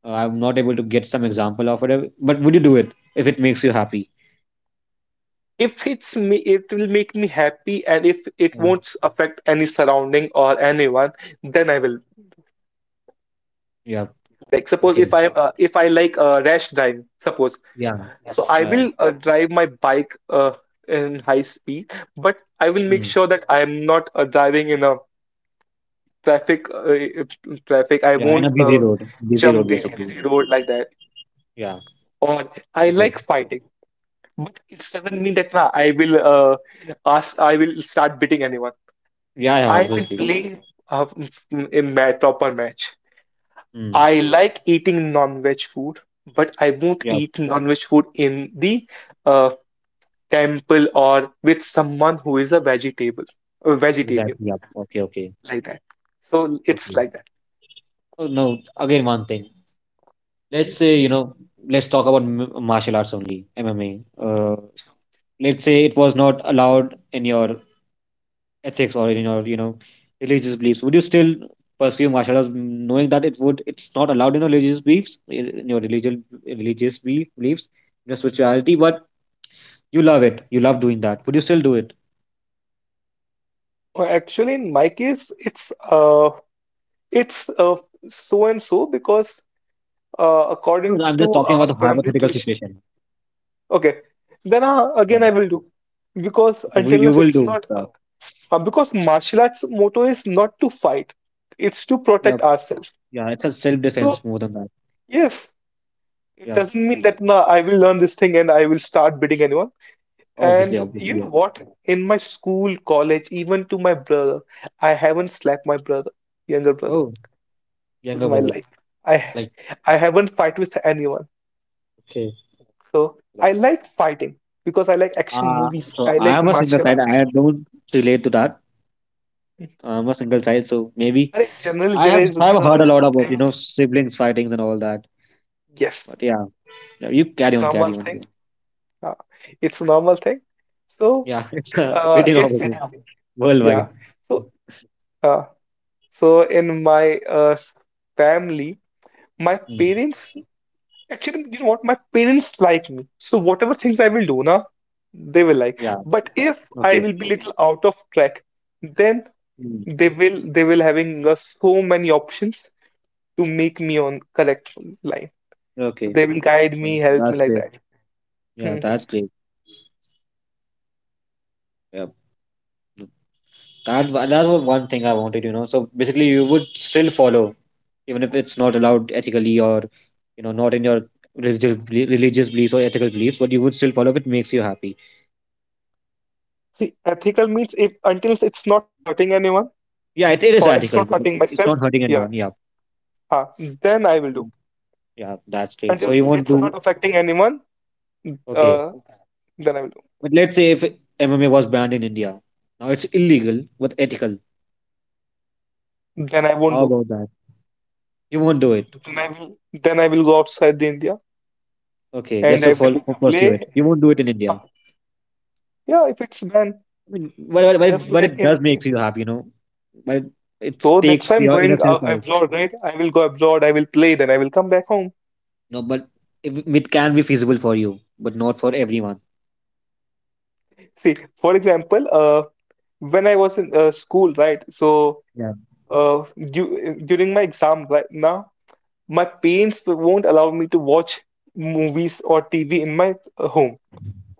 [SPEAKER 1] Uh, I'm not able to get some example of it, uh, but would you do it if it makes you happy?
[SPEAKER 2] if it's me, it will make me happy, and if it
[SPEAKER 1] Yeah.
[SPEAKER 2] won't affect any surrounding or anyone, then I will.
[SPEAKER 1] Yeah.
[SPEAKER 2] Like suppose
[SPEAKER 1] Okay.
[SPEAKER 2] if I uh, if I like uh, rash driving, suppose,
[SPEAKER 1] Yeah.
[SPEAKER 2] so I
[SPEAKER 1] Uh,
[SPEAKER 2] will uh, drive my bike uh, in high speed, but I will make
[SPEAKER 1] mm.
[SPEAKER 2] sure that I am not uh, driving in a traffic uh, traffic. I
[SPEAKER 1] Yeah. In a
[SPEAKER 2] won't
[SPEAKER 1] busy
[SPEAKER 2] uh,
[SPEAKER 1] road, busy road
[SPEAKER 2] jump the
[SPEAKER 1] basically.
[SPEAKER 2] busy road like that.
[SPEAKER 1] Yeah.
[SPEAKER 2] Or I
[SPEAKER 1] Okay.
[SPEAKER 2] like fighting, but it
[SPEAKER 1] Y-
[SPEAKER 2] doesn't mean that nah, i will uh, ask i will start beating anyone.
[SPEAKER 1] Yeah. Yeah.
[SPEAKER 2] I've been
[SPEAKER 1] Obviously.
[SPEAKER 2] playing uh, a ma proper match.
[SPEAKER 1] Mm.
[SPEAKER 2] I like eating non-veg food, but I won't
[SPEAKER 1] Yeah.
[SPEAKER 2] eat non-veg food in the uh, temple or with someone who is a vegetable a vegetarian,
[SPEAKER 1] Exactly. Yeah. Okay. Okay.
[SPEAKER 2] like that. So it's
[SPEAKER 1] Okay.
[SPEAKER 2] like that.
[SPEAKER 1] Oh no. Again, one thing. Let's say you know. Let's talk about m- martial arts only. M M A. Uh, let's say it was not allowed in your ethics or in your, you know, religious beliefs. Would you still pursue martial arts knowing that it would, it's not allowed in your religious beliefs, in, in your religion religious belief, beliefs your spirituality, but you love it, you love doing that. Would you still do it?
[SPEAKER 2] Well, actually, in my case, it's uh it's uh, so and so, because uh,
[SPEAKER 1] no
[SPEAKER 2] according
[SPEAKER 1] no, I'm
[SPEAKER 2] to
[SPEAKER 1] just talking about
[SPEAKER 2] our
[SPEAKER 1] the
[SPEAKER 2] family
[SPEAKER 1] hypothetical
[SPEAKER 2] tradition.
[SPEAKER 1] situation.
[SPEAKER 2] Okay, then uh,
[SPEAKER 1] Yeah,
[SPEAKER 2] again I will do, because
[SPEAKER 1] okay. Well,
[SPEAKER 2] until
[SPEAKER 1] you
[SPEAKER 2] unless
[SPEAKER 1] will
[SPEAKER 2] it's
[SPEAKER 1] do
[SPEAKER 2] not,
[SPEAKER 1] that.
[SPEAKER 2] uh, uh, because martial arts motto is not to fight, it's to
[SPEAKER 1] Yeah.
[SPEAKER 2] protect ourselves.
[SPEAKER 1] Yeah, it's a
[SPEAKER 2] So
[SPEAKER 1] self-defense more than that.
[SPEAKER 2] yes, it
[SPEAKER 1] Yeah,
[SPEAKER 2] doesn't mean that nah, I will learn this thing and I will start beating anyone.
[SPEAKER 1] obviously,
[SPEAKER 2] And you
[SPEAKER 1] obviously, yeah.
[SPEAKER 2] know what? In my school, college, even to my brother, I haven't slapped my brother, younger brother,
[SPEAKER 1] Oh,
[SPEAKER 2] in
[SPEAKER 1] younger
[SPEAKER 2] my
[SPEAKER 1] brother.
[SPEAKER 2] life. I
[SPEAKER 1] Like,
[SPEAKER 2] I haven't fight with anyone.
[SPEAKER 1] okay.
[SPEAKER 2] So
[SPEAKER 1] So,
[SPEAKER 2] I like fighting because I like action
[SPEAKER 1] uh
[SPEAKER 2] movies.
[SPEAKER 1] so
[SPEAKER 2] I
[SPEAKER 1] I
[SPEAKER 2] like
[SPEAKER 1] am a single
[SPEAKER 2] martial
[SPEAKER 1] child, I
[SPEAKER 2] arts.
[SPEAKER 1] don't relate to that. I'm a single child, so maybe
[SPEAKER 2] And in general,
[SPEAKER 1] I
[SPEAKER 2] there
[SPEAKER 1] have,
[SPEAKER 2] is
[SPEAKER 1] I've heard a
[SPEAKER 2] a
[SPEAKER 1] lot about, you
[SPEAKER 2] thing.
[SPEAKER 1] know, siblings fightings and all that.
[SPEAKER 2] Yes,
[SPEAKER 1] But yeah, yeah, you
[SPEAKER 2] it's
[SPEAKER 1] carry on,
[SPEAKER 2] normal
[SPEAKER 1] carry on.
[SPEAKER 2] thing. Uh, it's normal thing. So
[SPEAKER 1] Yeah, [LAUGHS] it's a
[SPEAKER 2] uh,
[SPEAKER 1] pretty normal
[SPEAKER 2] if
[SPEAKER 1] thing
[SPEAKER 2] yeah,
[SPEAKER 1] worldwide.
[SPEAKER 2] so uh, so in my uh, family, my
[SPEAKER 1] Mm.
[SPEAKER 2] parents, actually, you know what? My parents like me. So whatever things I will do, na, they will like.
[SPEAKER 1] Yeah.
[SPEAKER 2] But if I
[SPEAKER 1] Okay.
[SPEAKER 2] will be little out of track, then
[SPEAKER 1] Mm.
[SPEAKER 2] they will they will having uh, so many options to make me on correct line. So
[SPEAKER 1] Okay.
[SPEAKER 2] they will guide
[SPEAKER 1] Yeah,
[SPEAKER 2] me, help me
[SPEAKER 1] that's
[SPEAKER 2] like
[SPEAKER 1] great.
[SPEAKER 2] that.
[SPEAKER 1] Yeah,
[SPEAKER 2] Hmm.
[SPEAKER 1] that's great. Yeah. That wa- that was one thing I wanted, you know. So basically, you would still follow, even if it's not allowed ethically or, you know, not in your religious belie- religious beliefs or ethical beliefs, but you would still follow if it makes you happy.
[SPEAKER 2] See, ethical means, if until it's not hurting anyone
[SPEAKER 1] Yeah, it, it
[SPEAKER 2] or
[SPEAKER 1] is
[SPEAKER 2] it's not
[SPEAKER 1] ethical, but
[SPEAKER 2] hurting myself,
[SPEAKER 1] it's not hurting
[SPEAKER 2] yeah,
[SPEAKER 1] anyone. Yeah.
[SPEAKER 2] huh, then I will do.
[SPEAKER 1] Yeah, that's great. So
[SPEAKER 2] Until
[SPEAKER 1] you won't
[SPEAKER 2] it's
[SPEAKER 1] do,
[SPEAKER 2] not affecting anyone,
[SPEAKER 1] okay.
[SPEAKER 2] uh, then I will do.
[SPEAKER 1] But let's say if M M A was banned in India. Now it's illegal but ethical.
[SPEAKER 2] Then I won't
[SPEAKER 1] How
[SPEAKER 2] do.
[SPEAKER 1] about that? You won't do it.
[SPEAKER 2] Then I will. Then I will go outside the India
[SPEAKER 1] Okay, just
[SPEAKER 2] and
[SPEAKER 1] to
[SPEAKER 2] I
[SPEAKER 1] follow,
[SPEAKER 2] will
[SPEAKER 1] pursue it.
[SPEAKER 2] play.
[SPEAKER 1] You won't do it in
[SPEAKER 2] Uh,
[SPEAKER 1] India.
[SPEAKER 2] yeah, if it's done,
[SPEAKER 1] I mean, but, but, but it,
[SPEAKER 2] just
[SPEAKER 1] but
[SPEAKER 2] like
[SPEAKER 1] it
[SPEAKER 2] in.
[SPEAKER 1] does make you happy, you know. But it, it
[SPEAKER 2] So that's
[SPEAKER 1] takes
[SPEAKER 2] why I'm
[SPEAKER 1] your
[SPEAKER 2] going
[SPEAKER 1] innocence
[SPEAKER 2] uh,
[SPEAKER 1] out.
[SPEAKER 2] abroad, right? I will go abroad. I will play. Then I will come back home.
[SPEAKER 1] No, but if, it can be feasible for you, but not for everyone.
[SPEAKER 2] See, for example, uh, when I was in uh, school, right? So
[SPEAKER 1] Yeah.
[SPEAKER 2] uh, du during my exam right now, my parents won't allow me to watch movies or T V in my uh, home.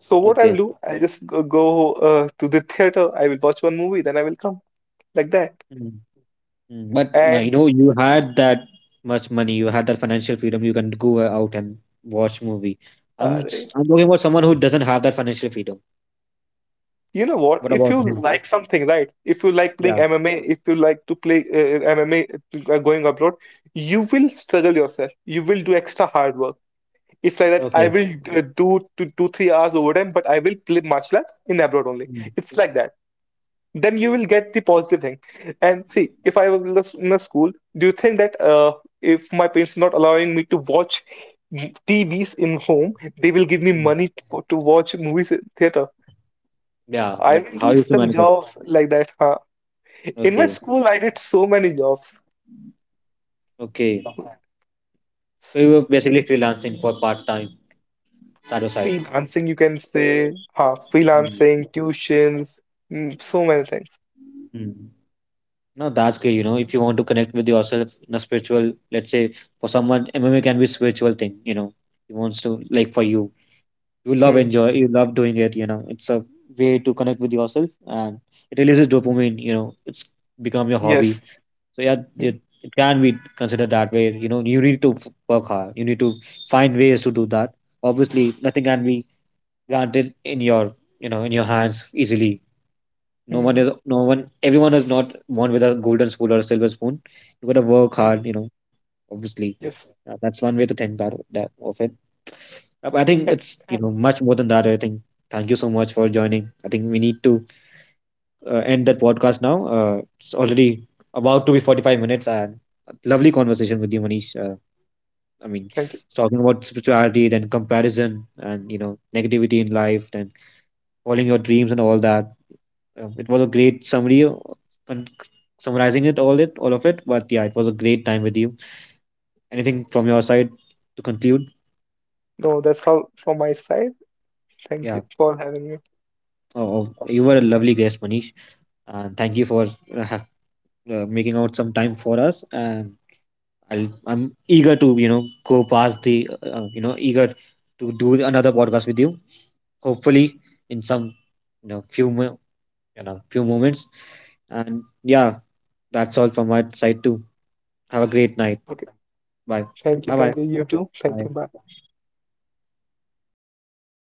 [SPEAKER 2] So what I'll
[SPEAKER 1] Okay.
[SPEAKER 2] do, I'll just go, go uh, to the theater. I will watch one movie, then I will come like that.
[SPEAKER 1] Mm, but my-
[SPEAKER 2] And
[SPEAKER 1] you know, you had that much money, you had that financial freedom, you can go out and watch movie. I'm
[SPEAKER 2] uh,
[SPEAKER 1] s- I'm talking about someone who doesn't have that financial freedom.
[SPEAKER 2] you know what?
[SPEAKER 1] What
[SPEAKER 2] If
[SPEAKER 1] about
[SPEAKER 2] you
[SPEAKER 1] him?
[SPEAKER 2] like something, right? If you like playing
[SPEAKER 1] Yeah.
[SPEAKER 2] M M A, if you like to play uh, M M A, uh, going abroad, you will struggle yourself. You will do extra hard work. It's like that I
[SPEAKER 1] Okay.
[SPEAKER 2] will uh, do two, two, three hours overtime, but I will play Martial art in abroad only.
[SPEAKER 1] Mm,
[SPEAKER 2] It's like that. Then you will get the positive thing. And see, if I was in a school, do you think that uh, if my parents not allowing me to watch m- T Vs in home, they will give me
[SPEAKER 1] mm.
[SPEAKER 2] money to, to watch movies in theater?
[SPEAKER 1] Yeah,
[SPEAKER 2] I
[SPEAKER 1] but
[SPEAKER 2] will
[SPEAKER 1] how
[SPEAKER 2] do
[SPEAKER 1] you to
[SPEAKER 2] some
[SPEAKER 1] manage it?
[SPEAKER 2] jobs like that. Huh? In my
[SPEAKER 1] Okay.
[SPEAKER 2] school, I did so many jobs.
[SPEAKER 1] Okay. So you were basically freelancing for part time, side to side.
[SPEAKER 2] Freelancing, you can say, huh?
[SPEAKER 1] Mm.
[SPEAKER 2] Freelancing, tuitions, mm, so many things.
[SPEAKER 1] Mm. No, that's good. You know, if you want to connect with yourself in a spiritual, let's say for someone, M M A can be spiritual thing. You know, he wants to like for you, you love,
[SPEAKER 2] Hmm.
[SPEAKER 1] enjoy, you love doing it, you know, it's a way to connect with yourself, and it releases dopamine, you know, it's become your hobby.
[SPEAKER 2] Yes.
[SPEAKER 1] So yeah,
[SPEAKER 2] Hmm.
[SPEAKER 1] it, it can be considered that way, you know. You need to f- work hard, you need to find ways to do that. Obviously nothing can be granted in your, you know, in your hands easily. No one
[SPEAKER 2] Mm,
[SPEAKER 1] is, no one, everyone is not born with a golden spoon or a silver spoon. You gotta work
[SPEAKER 2] mm,
[SPEAKER 1] hard, you know, obviously.
[SPEAKER 2] yes.
[SPEAKER 1] Uh, that's one way to think that that of it. Uh, I think
[SPEAKER 2] Thank
[SPEAKER 1] it's, you know, much more than that. I think thank you so much for joining. I think we need to uh, end that podcast now. Uh, it's already about to be forty five minutes, and a lovely conversation with you, Manish. Uh, I mean,
[SPEAKER 2] Thank you.
[SPEAKER 1] talking about spirituality, then comparison, and you know negativity in life, then following your dreams and all that. Um, it was a great summary, uh, con- summarizing it all it all of it. But yeah, it was a great time with you. Anything from your side to conclude?
[SPEAKER 2] No, that's all from my side. Thank you
[SPEAKER 1] Yeah.
[SPEAKER 2] for having me.
[SPEAKER 1] Oh, oh, you were a lovely guest, Manish, and thank you for uh, ha- uh, making out some time for us. And I'll, I'm eager to, you know, go past the, uh, uh, you know, eager to do another podcast with you. Hopefully, in some, you know, few, mo- you know, few moments. And yeah, that's all from my side too. Have a great night.
[SPEAKER 2] Okay.
[SPEAKER 1] Bye.
[SPEAKER 2] Thank you.
[SPEAKER 1] Bye. Bye.
[SPEAKER 2] Thank you. You too. Thank you.
[SPEAKER 1] Bye.
[SPEAKER 2] Bye.